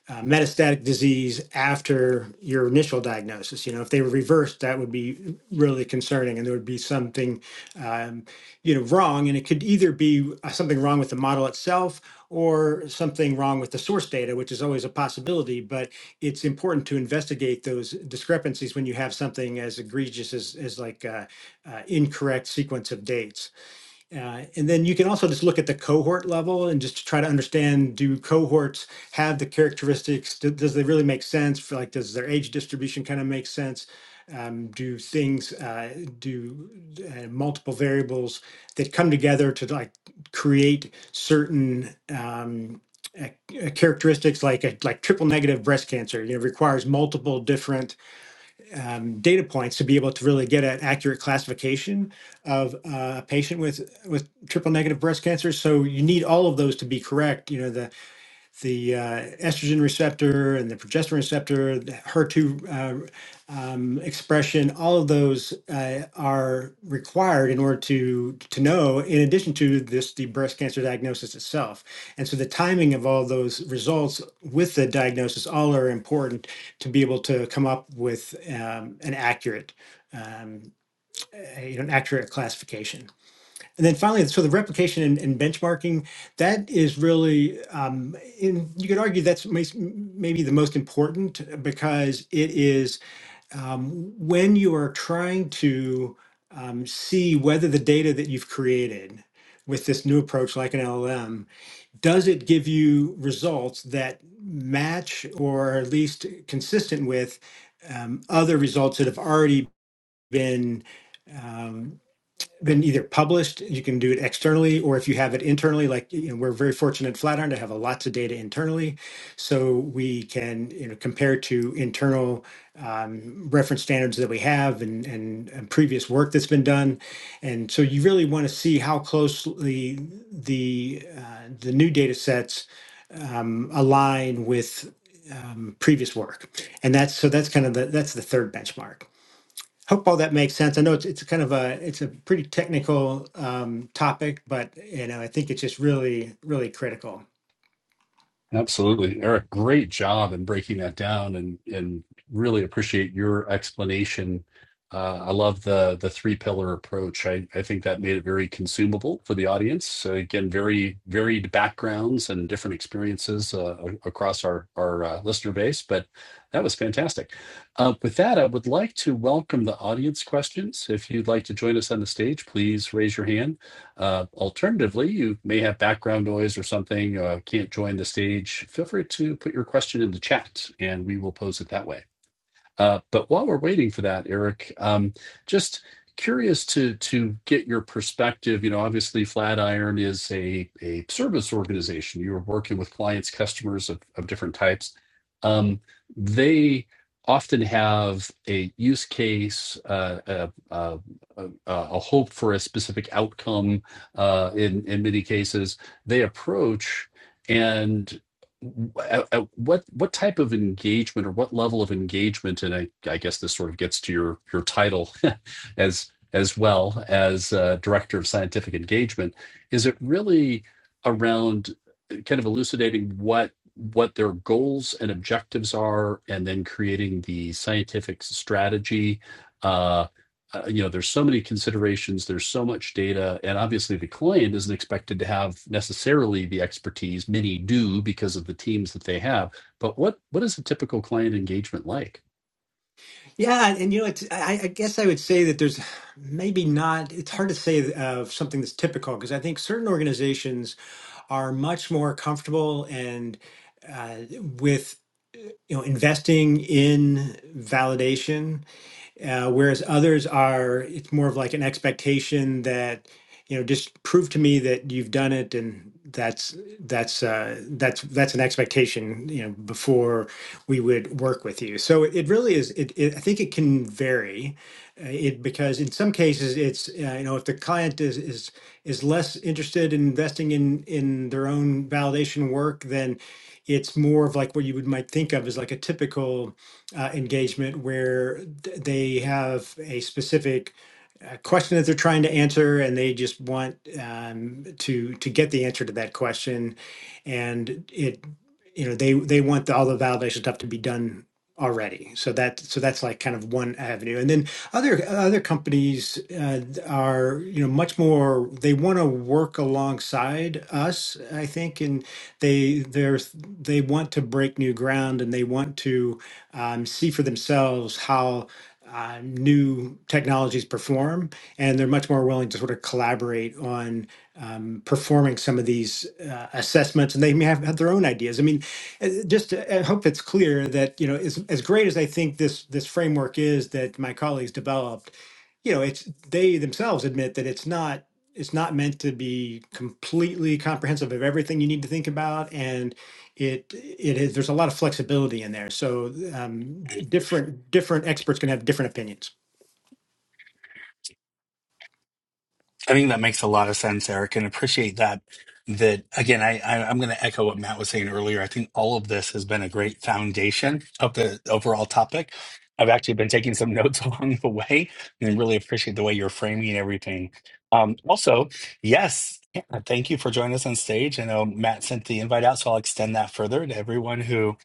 uh, metastatic disease after your initial diagnosis. You know, if they were reversed, that would be really concerning, and there would be something, um, you know, wrong. And it could either be uh, something wrong with the model itself or something wrong with the source data, which is always a possibility. But it's important to investigate those discrepancies when you have something as egregious as, as like uh, uh, incorrect sequence of dates. Uh, and then you can also just look at the cohort level and just to try to understand do cohorts have the characteristics? Do, does they really make sense? For like, does their age distribution kind of make sense? Um, do things uh, do uh, multiple variables that come together to like create certain um, uh, characteristics like a, like triple negative breast cancer? You know, requires multiple different um, data points to be able to really get an accurate classification of uh, a patient with with triple negative breast cancer. So you need all of those to be correct. You know, the the uh, estrogen receptor and the progesterone receptor, the HER2 uh, um, expression, all of those uh, are required in order to to know. In addition to this, the breast cancer diagnosis itself, and so the timing of all those results with the diagnosis all are important to be able to come up with um, an accurate, um, a- you know, an accurate classification. And then finally, so the replication and, and benchmarking, that is really, um, in, you could argue that's may- maybe the most important because it is um, when you are trying to um, see whether the data that you've created with this new approach, like an LLM, does it give you results that match or are at least consistent with um, other results that have already been um, been either published, you can do it externally, or if you have it internally, like you know, we're very fortunate at Flatiron to have a lots of data internally, so we can you know compare to internal um, reference standards that we have and, and and previous work that's been done, and so you really want to see how closely the uh, the new data sets um, align with um, previous work, and that's so that's kind of the that's the third benchmark. Hope all that makes sense. I know it's it's kind of a it's a pretty technical um, topic, but you know I think it's just really really critical. Absolutely. Eric, great job in breaking that down and and really appreciate your explanation. Uh, I love the the three pillar approach. I, I think that made it very consumable for the audience. So again, very varied backgrounds and different experiences uh, a- across our our uh, listener base, but that was fantastic. Uh, with that, I would like to welcome the audience questions. If you'd like to join us on the stage, please raise your hand. Uh, alternatively, you may have background noise or something, uh, can't join the stage. Feel free to put your question in the chat and we will pose it that way. Uh, but while we're waiting for that, Eric, um, just curious to to get your perspective. You know, obviously, Flatiron is a a service organization. You are working with clients, customers of of different types. Um, they often have a use case, uh, a, a, a, a hope for a specific outcome. Uh, in in many cases, they approach. and at- at what what type of engagement or what level of engagement and I, I guess this sort of gets to your your title as as well as uh, director of scientific engagement is it really around kind of elucidating what what their goals and objectives are and then creating the scientific strategy uh, uh, you know, there's so many considerations, there's so much data, and obviously the client isn't expected to have necessarily the expertise. Many do because of the teams that they have. But what what is a typical client engagement like? Yeah, and you know it's I, I guess I would say that there's maybe not. It's hard to say of something that's typical because I think certain organizations are much more comfortable and uh, with you know investing in validation, uh, whereas others are. It's more of like an expectation that you know just prove to me that you've done it and that's that's uh, that's that's an expectation you know before we would work with you so it, it really is it, it i think it can vary uh, it because in some cases it's uh, you know if the client is is is less interested in investing in in their own validation work then it's more of like what you would might think of as like a typical uh, engagement where th- they have a specific a question that they're trying to answer and they just want um, to to get the answer to that question and it you know they they want the, all the validation stuff to be done already. So that so that's like kind of one avenue. And then other other companies uh, are you know much more they want to work alongside us, I think, and they they're they want to break new ground and they want to um, see for themselves how uh, new technologies perform, and they're much more willing to sort of collaborate on um, performing some of these uh, assessments, and they may have, have their own ideas. I mean, uh, Just to, I hope it's clear that, you know, as, as great as I think this, this framework is that my colleagues developed, you know, it's, they themselves admit that it's not, it's not meant to be completely comprehensive of everything you need to think about. And it, it is, there's a lot of flexibility in there. So um, I different, different experts can have different opinions. think that makes a lot of sense, Eric, and appreciate that. That again, I, I I'm going to echo what Matt was saying earlier. I think all of this has been a great foundation of the overall topic. I've actually been taking some notes along the way, and really appreciate the way you're framing everything. Um, also, yes, yeah, thank you for joining us on stage. I know Matt sent the invite out, so I'll extend that further to everyone who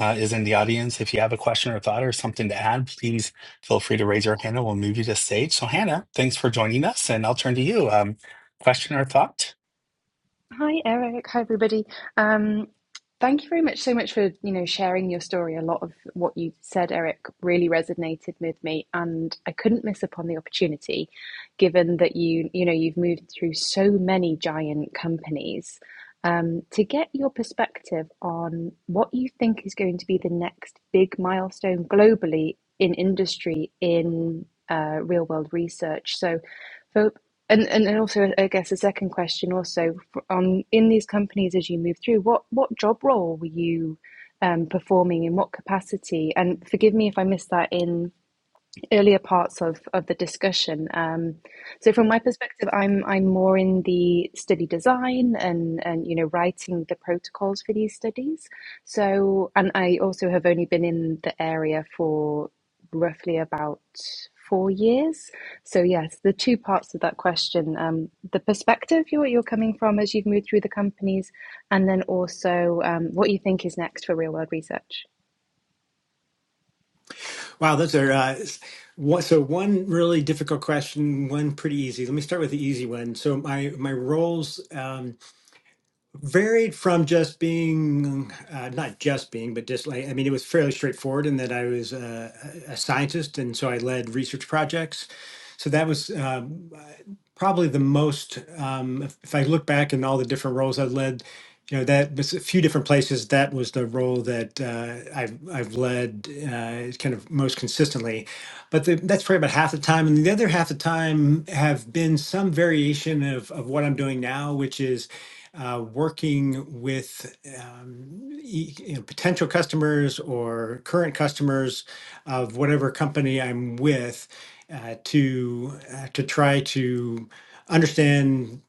uh, is in the audience. If you have a question or thought or something to add, please Feel free to raise your hand and we'll move you to stage. So Hannah, thanks for joining us and I'll turn to you. Um, question or thought? Hi, Eric. Hi, everybody. Um, thank you very much so much for, you know, sharing your story. A lot of what you said, Eric, really resonated with me, and I couldn't miss upon the opportunity, given that you, you know, you've moved through so many giant companies um, to get your perspective on what you think is going to be the next big milestone globally in industry in uh, real world research. So, for and, and and also, I guess the second question also on in these companies as you move through, what what job role were you um, performing in what capacity? And forgive me if I missed that in earlier parts of, of the discussion. Um, so from my perspective, I'm I'm more in the study design and and you know writing the protocols for these studies. So and I also have only been in the area for roughly about four years. So yes, the two parts of that question: um, the perspective you're you're coming from as you've moved through the companies, and then also um, what you think is next for real world research. Wow. Those are, uh, s- one, so one really difficult question, one pretty easy. Let me start with the easy one. So my, my roles, Um, varied from just being uh, not just being but just like i mean it was fairly straightforward in that i was uh, a a scientist and so i led research projects so that was uh, probably the most um, if, if i look back in all the different roles i've led you know that was a few different places that was the role that uh, i've i've led uh, kind of most consistently but the, that's probably about half the time and the other half the time have been some variation of, of what i'm doing now which is uh, working with um, e- you know, potential customers or current customers of whatever company I'm with uh, to uh, to try to understand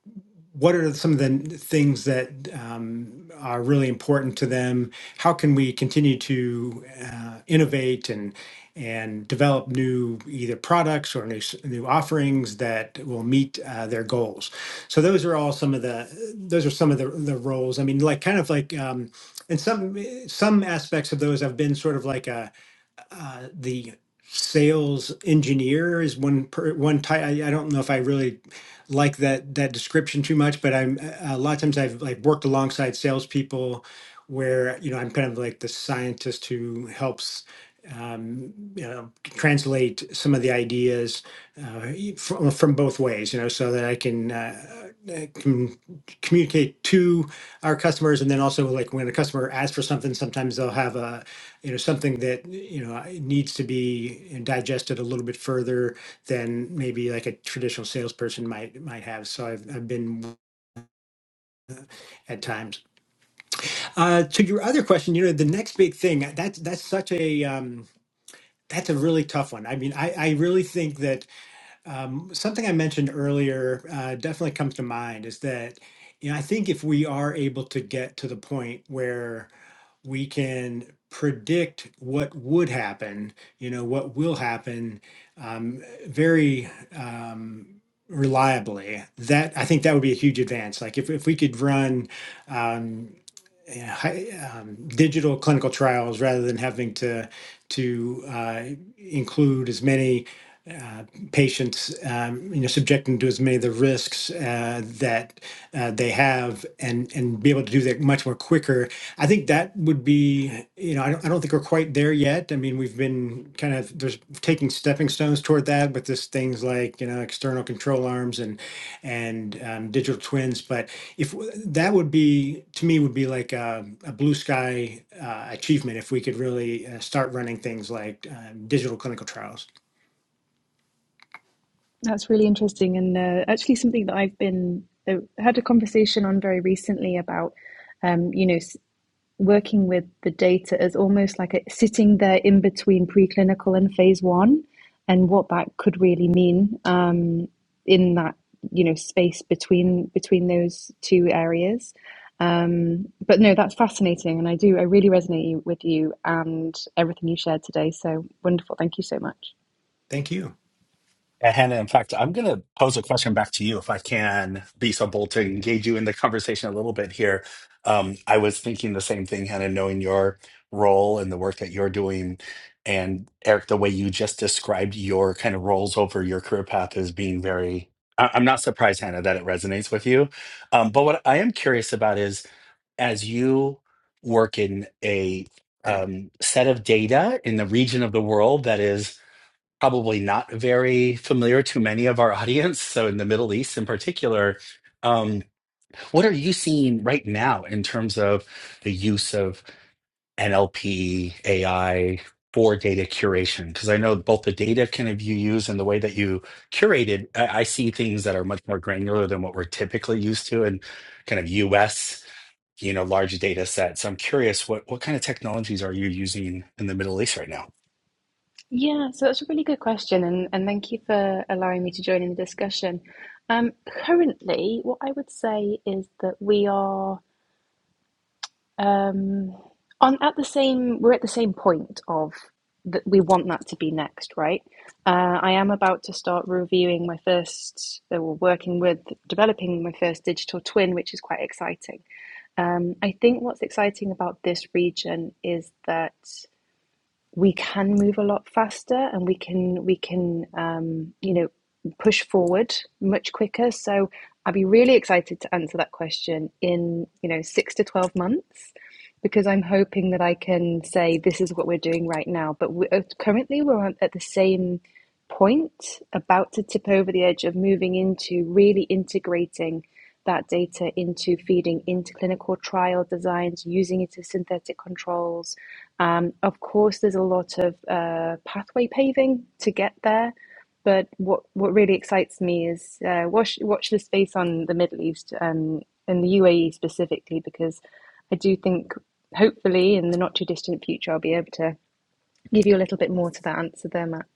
what are some of the things that um, are really important to them? How can we continue to uh, innovate and and develop new either products or new s- new offerings that will meet uh, their goals? So those are all some of the those are some of the, the roles. I mean, like kind of like um, and some some aspects of those have been sort of like a uh, the sales engineer is one per, one type. I, I don't know if I really like that that description too much, but I'm a lot of times I've like worked alongside salespeople where you know I'm kind of like the scientist who helps. Um, you know, translate some of the ideas uh, from, from both ways. You know, so that I can, uh, I can communicate to our customers, and then also like when a customer asks for something, sometimes they'll have a you know something that you know needs to be digested a little bit further than maybe like a traditional salesperson might might have so i've, I've been at times uh, to your other question you know the next big thing that's that's such a um, that's a really tough one i mean i, I really think that Um, something I mentioned earlier uh, definitely comes to mind is that, you know, I think if we are able to get to the point where we can predict what would happen, you know, what will happen um, very um, reliably, that I think that would be a huge advance. Like if, if we could run um, digital clinical trials rather than having to to uh, include as many uh, patients, um, you know, subject them to as many of the risks uh, that uh, they have, and and be able to do that much more quicker. I think that would be, you know, I don't, I don't think we're quite there yet. I mean, we've been kind of there's taking stepping stones toward that with this things like you know external control arms and and um, digital twins, but if w- that would be to me would be like a, a blue sky uh, achievement if we could really uh, start running things like uh, digital clinical trials That's really interesting, and uh, actually something that I've been uh, had a conversation on very recently about, um, you know, s- working with the data as almost like a, sitting there in between preclinical and phase one, and what that could really mean um, in that you know space between between those two areas. Um, but no, that's fascinating, and I do I really resonate you- with you and everything you shared today. So wonderful! Thank you so much. thank you Yeah, Hannah, in fact, I'm going to pose a question back to you if I can be so bold to engage you in the conversation a little bit here. Um, I was thinking the same thing, Hannah, knowing your role and the work that you're doing. And Eric, the way you just described your kind of roles over your career path is being very, I- I'm not surprised, Hannah, that it resonates with you. Um, but what I am curious about is as you work in a um, set of data in the region of the world that is probably not very familiar to many of our audience, so in the Middle East in particular, um, what are you seeing right now in terms of the use of NLP, AI for data curation? Because I know both the data kind of you use and the way that you curate it, I, I see things that are much more granular than what we're typically used to in kind of US, you know, large data sets. I'm curious what what kind of technologies are you using in the Middle East right now? Yeah, so that's a really good question, and, and thank you for allowing me to join in the discussion. Um, currently, what I would say is that we are um, on at the same we're at the same point of that we want that to be next, right? Uh, I am about to start reviewing my first, that we're working with developing my first digital twin, which is quite exciting. Um, I think what's exciting about this region is that we can move a lot faster and we can we can um, you know push forward much quicker so i'd be really excited to answer that question in you know six to 12 months because i'm hoping that i can say this is what we're doing right now but we, uh, currently we're at the same point about to tip over the edge of moving into really integrating that data into feeding into clinical trial designs using it as synthetic controls um, of course, there's a lot of uh, pathway paving to get there, but what what really excites me is uh, watch watch the space on the Middle East um, and the UAE specifically, because I do think hopefully in the not too distant future I'll be able to give you a little bit more to that answer there, Matt.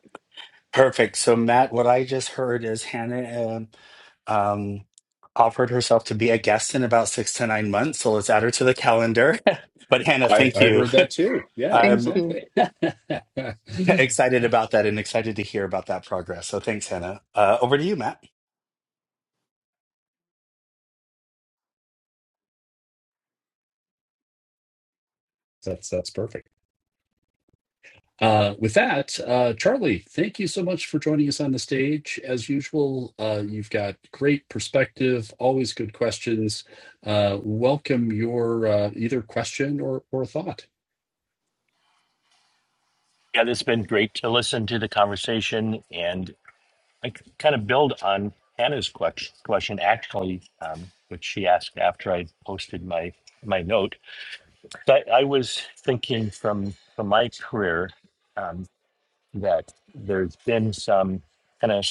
Perfect. So, Matt, what I just heard is Hannah um, um, offered herself to be a guest in about six to nine months. So let's add her to the calendar. but, Hannah, I, thank I you. heard that too. Yeah, Thank I'm you. exactly. that's excited about that and excited to hear about that progress. So, thanks, Hannah. Uh, over to you, Matt. that's perfect. Uh, with that, uh, Charlie, thank you so much for joining us on the stage. As usual, uh, you've got great perspective, always good questions. Uh, welcome your uh, either question or or thought. Yeah, this has been great to listen to the conversation and I c- kind of build on Hannah's quex- question, actually, um, which she asked after I posted my my note. But I was thinking from from my career um, that there's been some kind of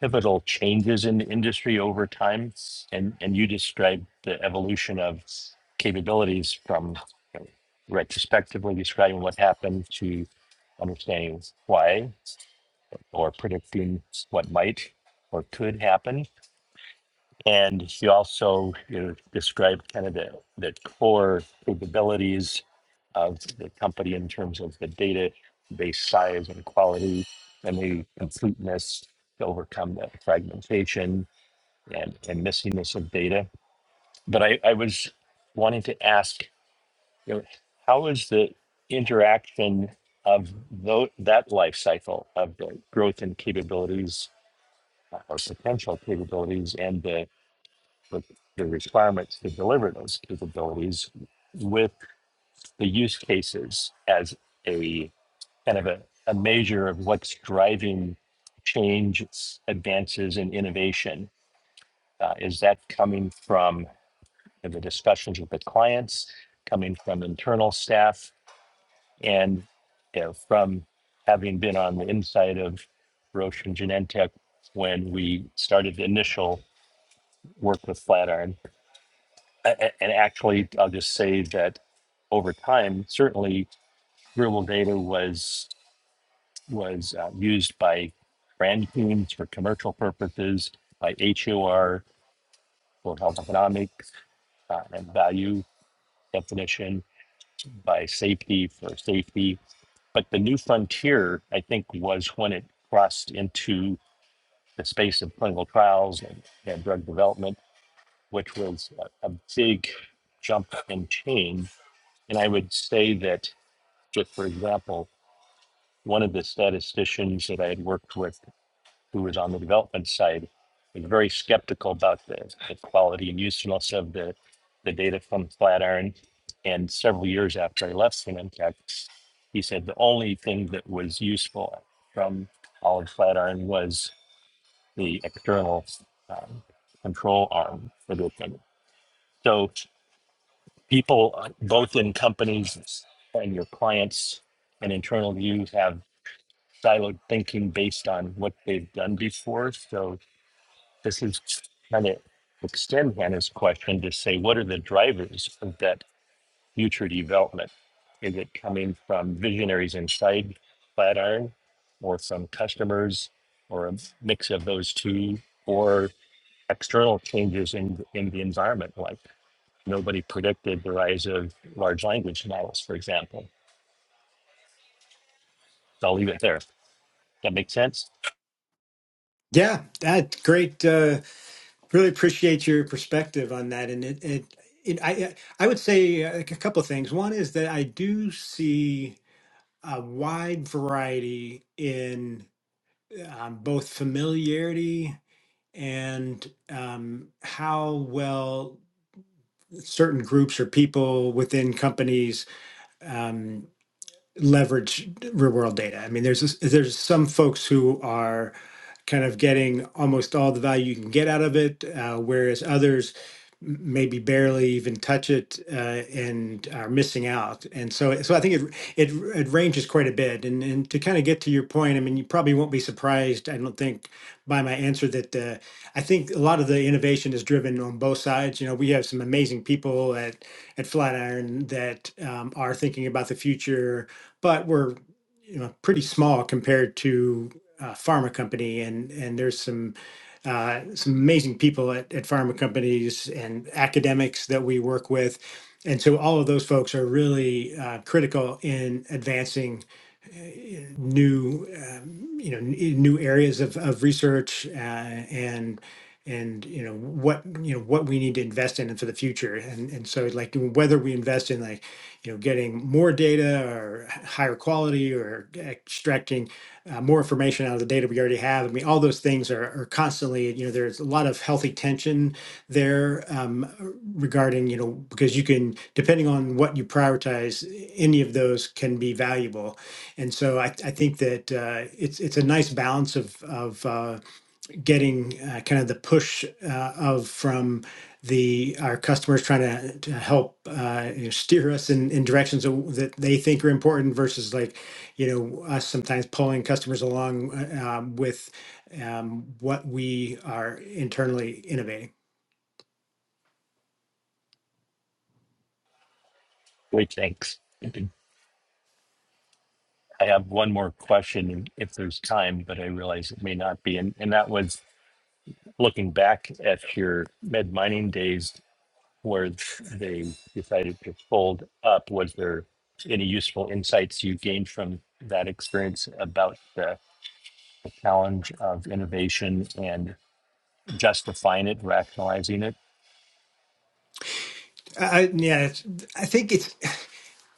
pivotal changes in the industry over time, and and you described the evolution of capabilities from you know, retrospectively describing what happened to understanding why or predicting what might or could happen. And he also you know, described kind of the, the core capabilities of the company in terms of the data base size and quality and the completeness to overcome the fragmentation and, and missingness of data. But I, I was wanting to ask, you know, how is the interaction of tho- that life cycle of the growth and capabilities uh, our potential capabilities and the, the, the requirements to deliver those capabilities with the use cases as a kind of a, a measure of what's driving change, advances, and innovation. Uh, is that coming from the discussions with the clients, coming from internal staff, and you know, from having been on the inside of Roche and Genentech when we started the initial work with Flatiron? A- a- and actually, I'll just say that over time, certainly rural data was was uh, used by brand teams for commercial purposes, by HOR for health economics uh, and value definition, by safety for safety. But the new frontier, I think, was when it crossed into the space of clinical trials and, and drug development, which was a, a big jump and change. And I would say that just for example, one of the statisticians that I had worked with who was on the development side was very skeptical about the, the quality and usefulness of the, the data from Flatiron. And several years after I left Symantec, he said the only thing that was useful from all of Flatiron was the external um, control arm for the thing. So people, uh, both in companies and your clients and internal views, have siloed thinking based on what they've done before. So this is kind of extend Hannah's question to say, what are the drivers of that future development? Is it coming from visionaries inside Flatiron or from customers or a mix of those two or external changes in, in the environment? Like nobody predicted the rise of large language models, for example. So I'll leave it there. That makes sense? yeah that's great uh, really appreciate your perspective on that and it, it, it I, I would say uh, like a couple of things one is that i do see a wide variety in um, both familiarity and um, how well certain groups or people within companies um, leverage real world data. I mean, there's this, there's some folks who are kind of getting almost all the value you can get out of it, uh, whereas others m- maybe barely even touch it uh, and are missing out. And so, so I think it it, it ranges quite a bit. And and to kind of get to your point, I mean, you probably won't be surprised. I don't think by my answer that uh, I think a lot of the innovation is driven on both sides. You know, we have some amazing people at at Flatiron that um, are thinking about the future but we're you know pretty small compared to a pharma company and and there's some uh, some amazing people at, at pharma companies and academics that we work with and so all of those folks are really uh, critical in advancing new um, you know n- new areas of, of research uh, and and you know what you know what we need to invest in for the future and and so like whether we invest in like you know getting more data or h- higher quality or extracting uh, more information out of the data we already have i mean all those things are, are constantly you know there's a lot of healthy tension there um, regarding you know because you can depending on what you prioritize any of those can be valuable and so I, I think that uh, it's it's a nice balance of of uh, getting uh, kind of the push uh, of from the our customers trying to, to help uh, you know, steer us in, in directions that that they think are important versus like you know us sometimes pulling customers along uh, um, with um, what we are internally innovating. Great, thanks. I have one more question if there's time, but I realize it may not be. And, and that was looking back at your med mining days where they decided to fold up. Was there any useful insights you gained from that experience about the challenge of innovation and justifying it, rationalizing it? I, I, yeah, it's, I think it's.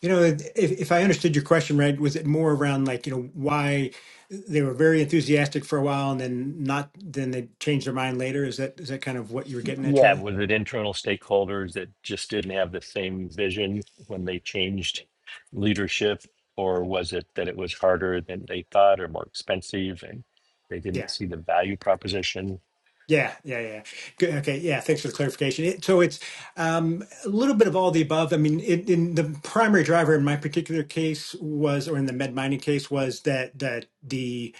You know, if, if I understood your question right, was it more around like, you know, why they were very enthusiastic for a while and then not, then they changed their mind later? Is that is that kind of what you were getting at, Yeah, Charlie? was it internal stakeholders that just didn't have the same vision when they changed leadership? Or was it that it was harder than they thought or more expensive and they didn't Yeah. see the value proposition Yeah, yeah, yeah. Good. Okay, yeah. Thanks for the clarification. It, so it's um, a little bit of all the above. I mean, it, in the primary driver in my particular case was, or in the med mining case, was that that the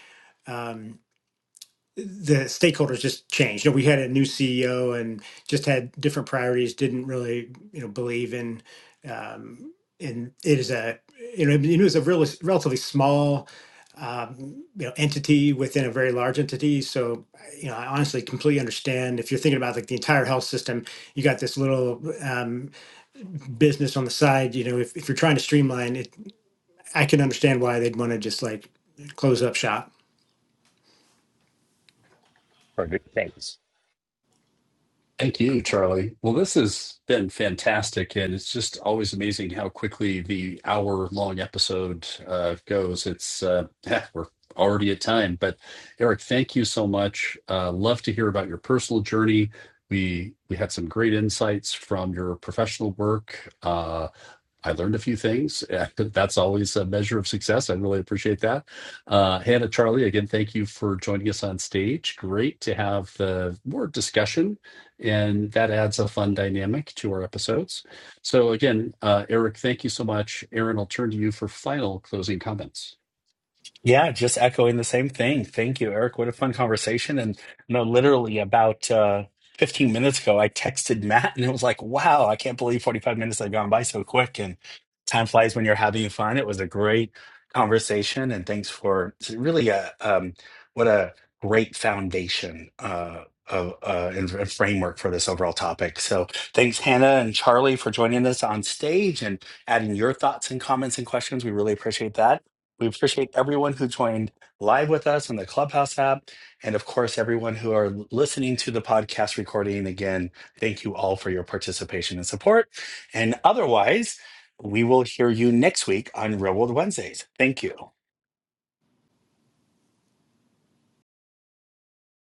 um, the stakeholders just changed. You know, we had a new CEO and just had different priorities. Didn't really, you know, believe in. Um, and it is a, you know, it was a really relatively small, um, you know, entity within a very large entity. So, you know, I honestly completely understand if you're thinking about like the entire health system. You got this little um, business on the side. You know, if if you're trying to streamline it, I can understand why they'd want to just like close up shop. or good things? Thank you, Charlie. Well, this has been fantastic, and it's just always amazing how quickly the hour-long episode uh, goes. It's uh, we're already at time, but Eric, thank you so much. Uh, love to hear about your personal journey. We we had some great insights from your professional work. Uh, I learned a few things. That's always a measure of success. I really appreciate that. Uh, Hannah, Charlie, again, thank you for joining us on stage. Great to have the more discussion, and that adds a fun dynamic to our episodes. So, again, uh, Eric, thank you so much. Aaron, I'll turn to you for final closing comments. Yeah, just echoing the same thing. Thank you, Eric. What a fun conversation. And no, literally about uh, 15 minutes ago, I texted Matt and it was like, wow, I can't believe 45 minutes have gone by so quick. And time flies when you're having fun. It was a great conversation. And thanks for it's really a, um, what a great foundation uh, of, uh, and f- framework for this overall topic. So thanks, Hannah and Charlie, for joining us on stage and adding your thoughts and comments and questions. We really appreciate that. We appreciate everyone who joined live with us on the Clubhouse app. And of course, everyone who are listening to the podcast recording. Again, thank you all for your participation and support. And otherwise, we will hear you next week on Real World Wednesdays. Thank you.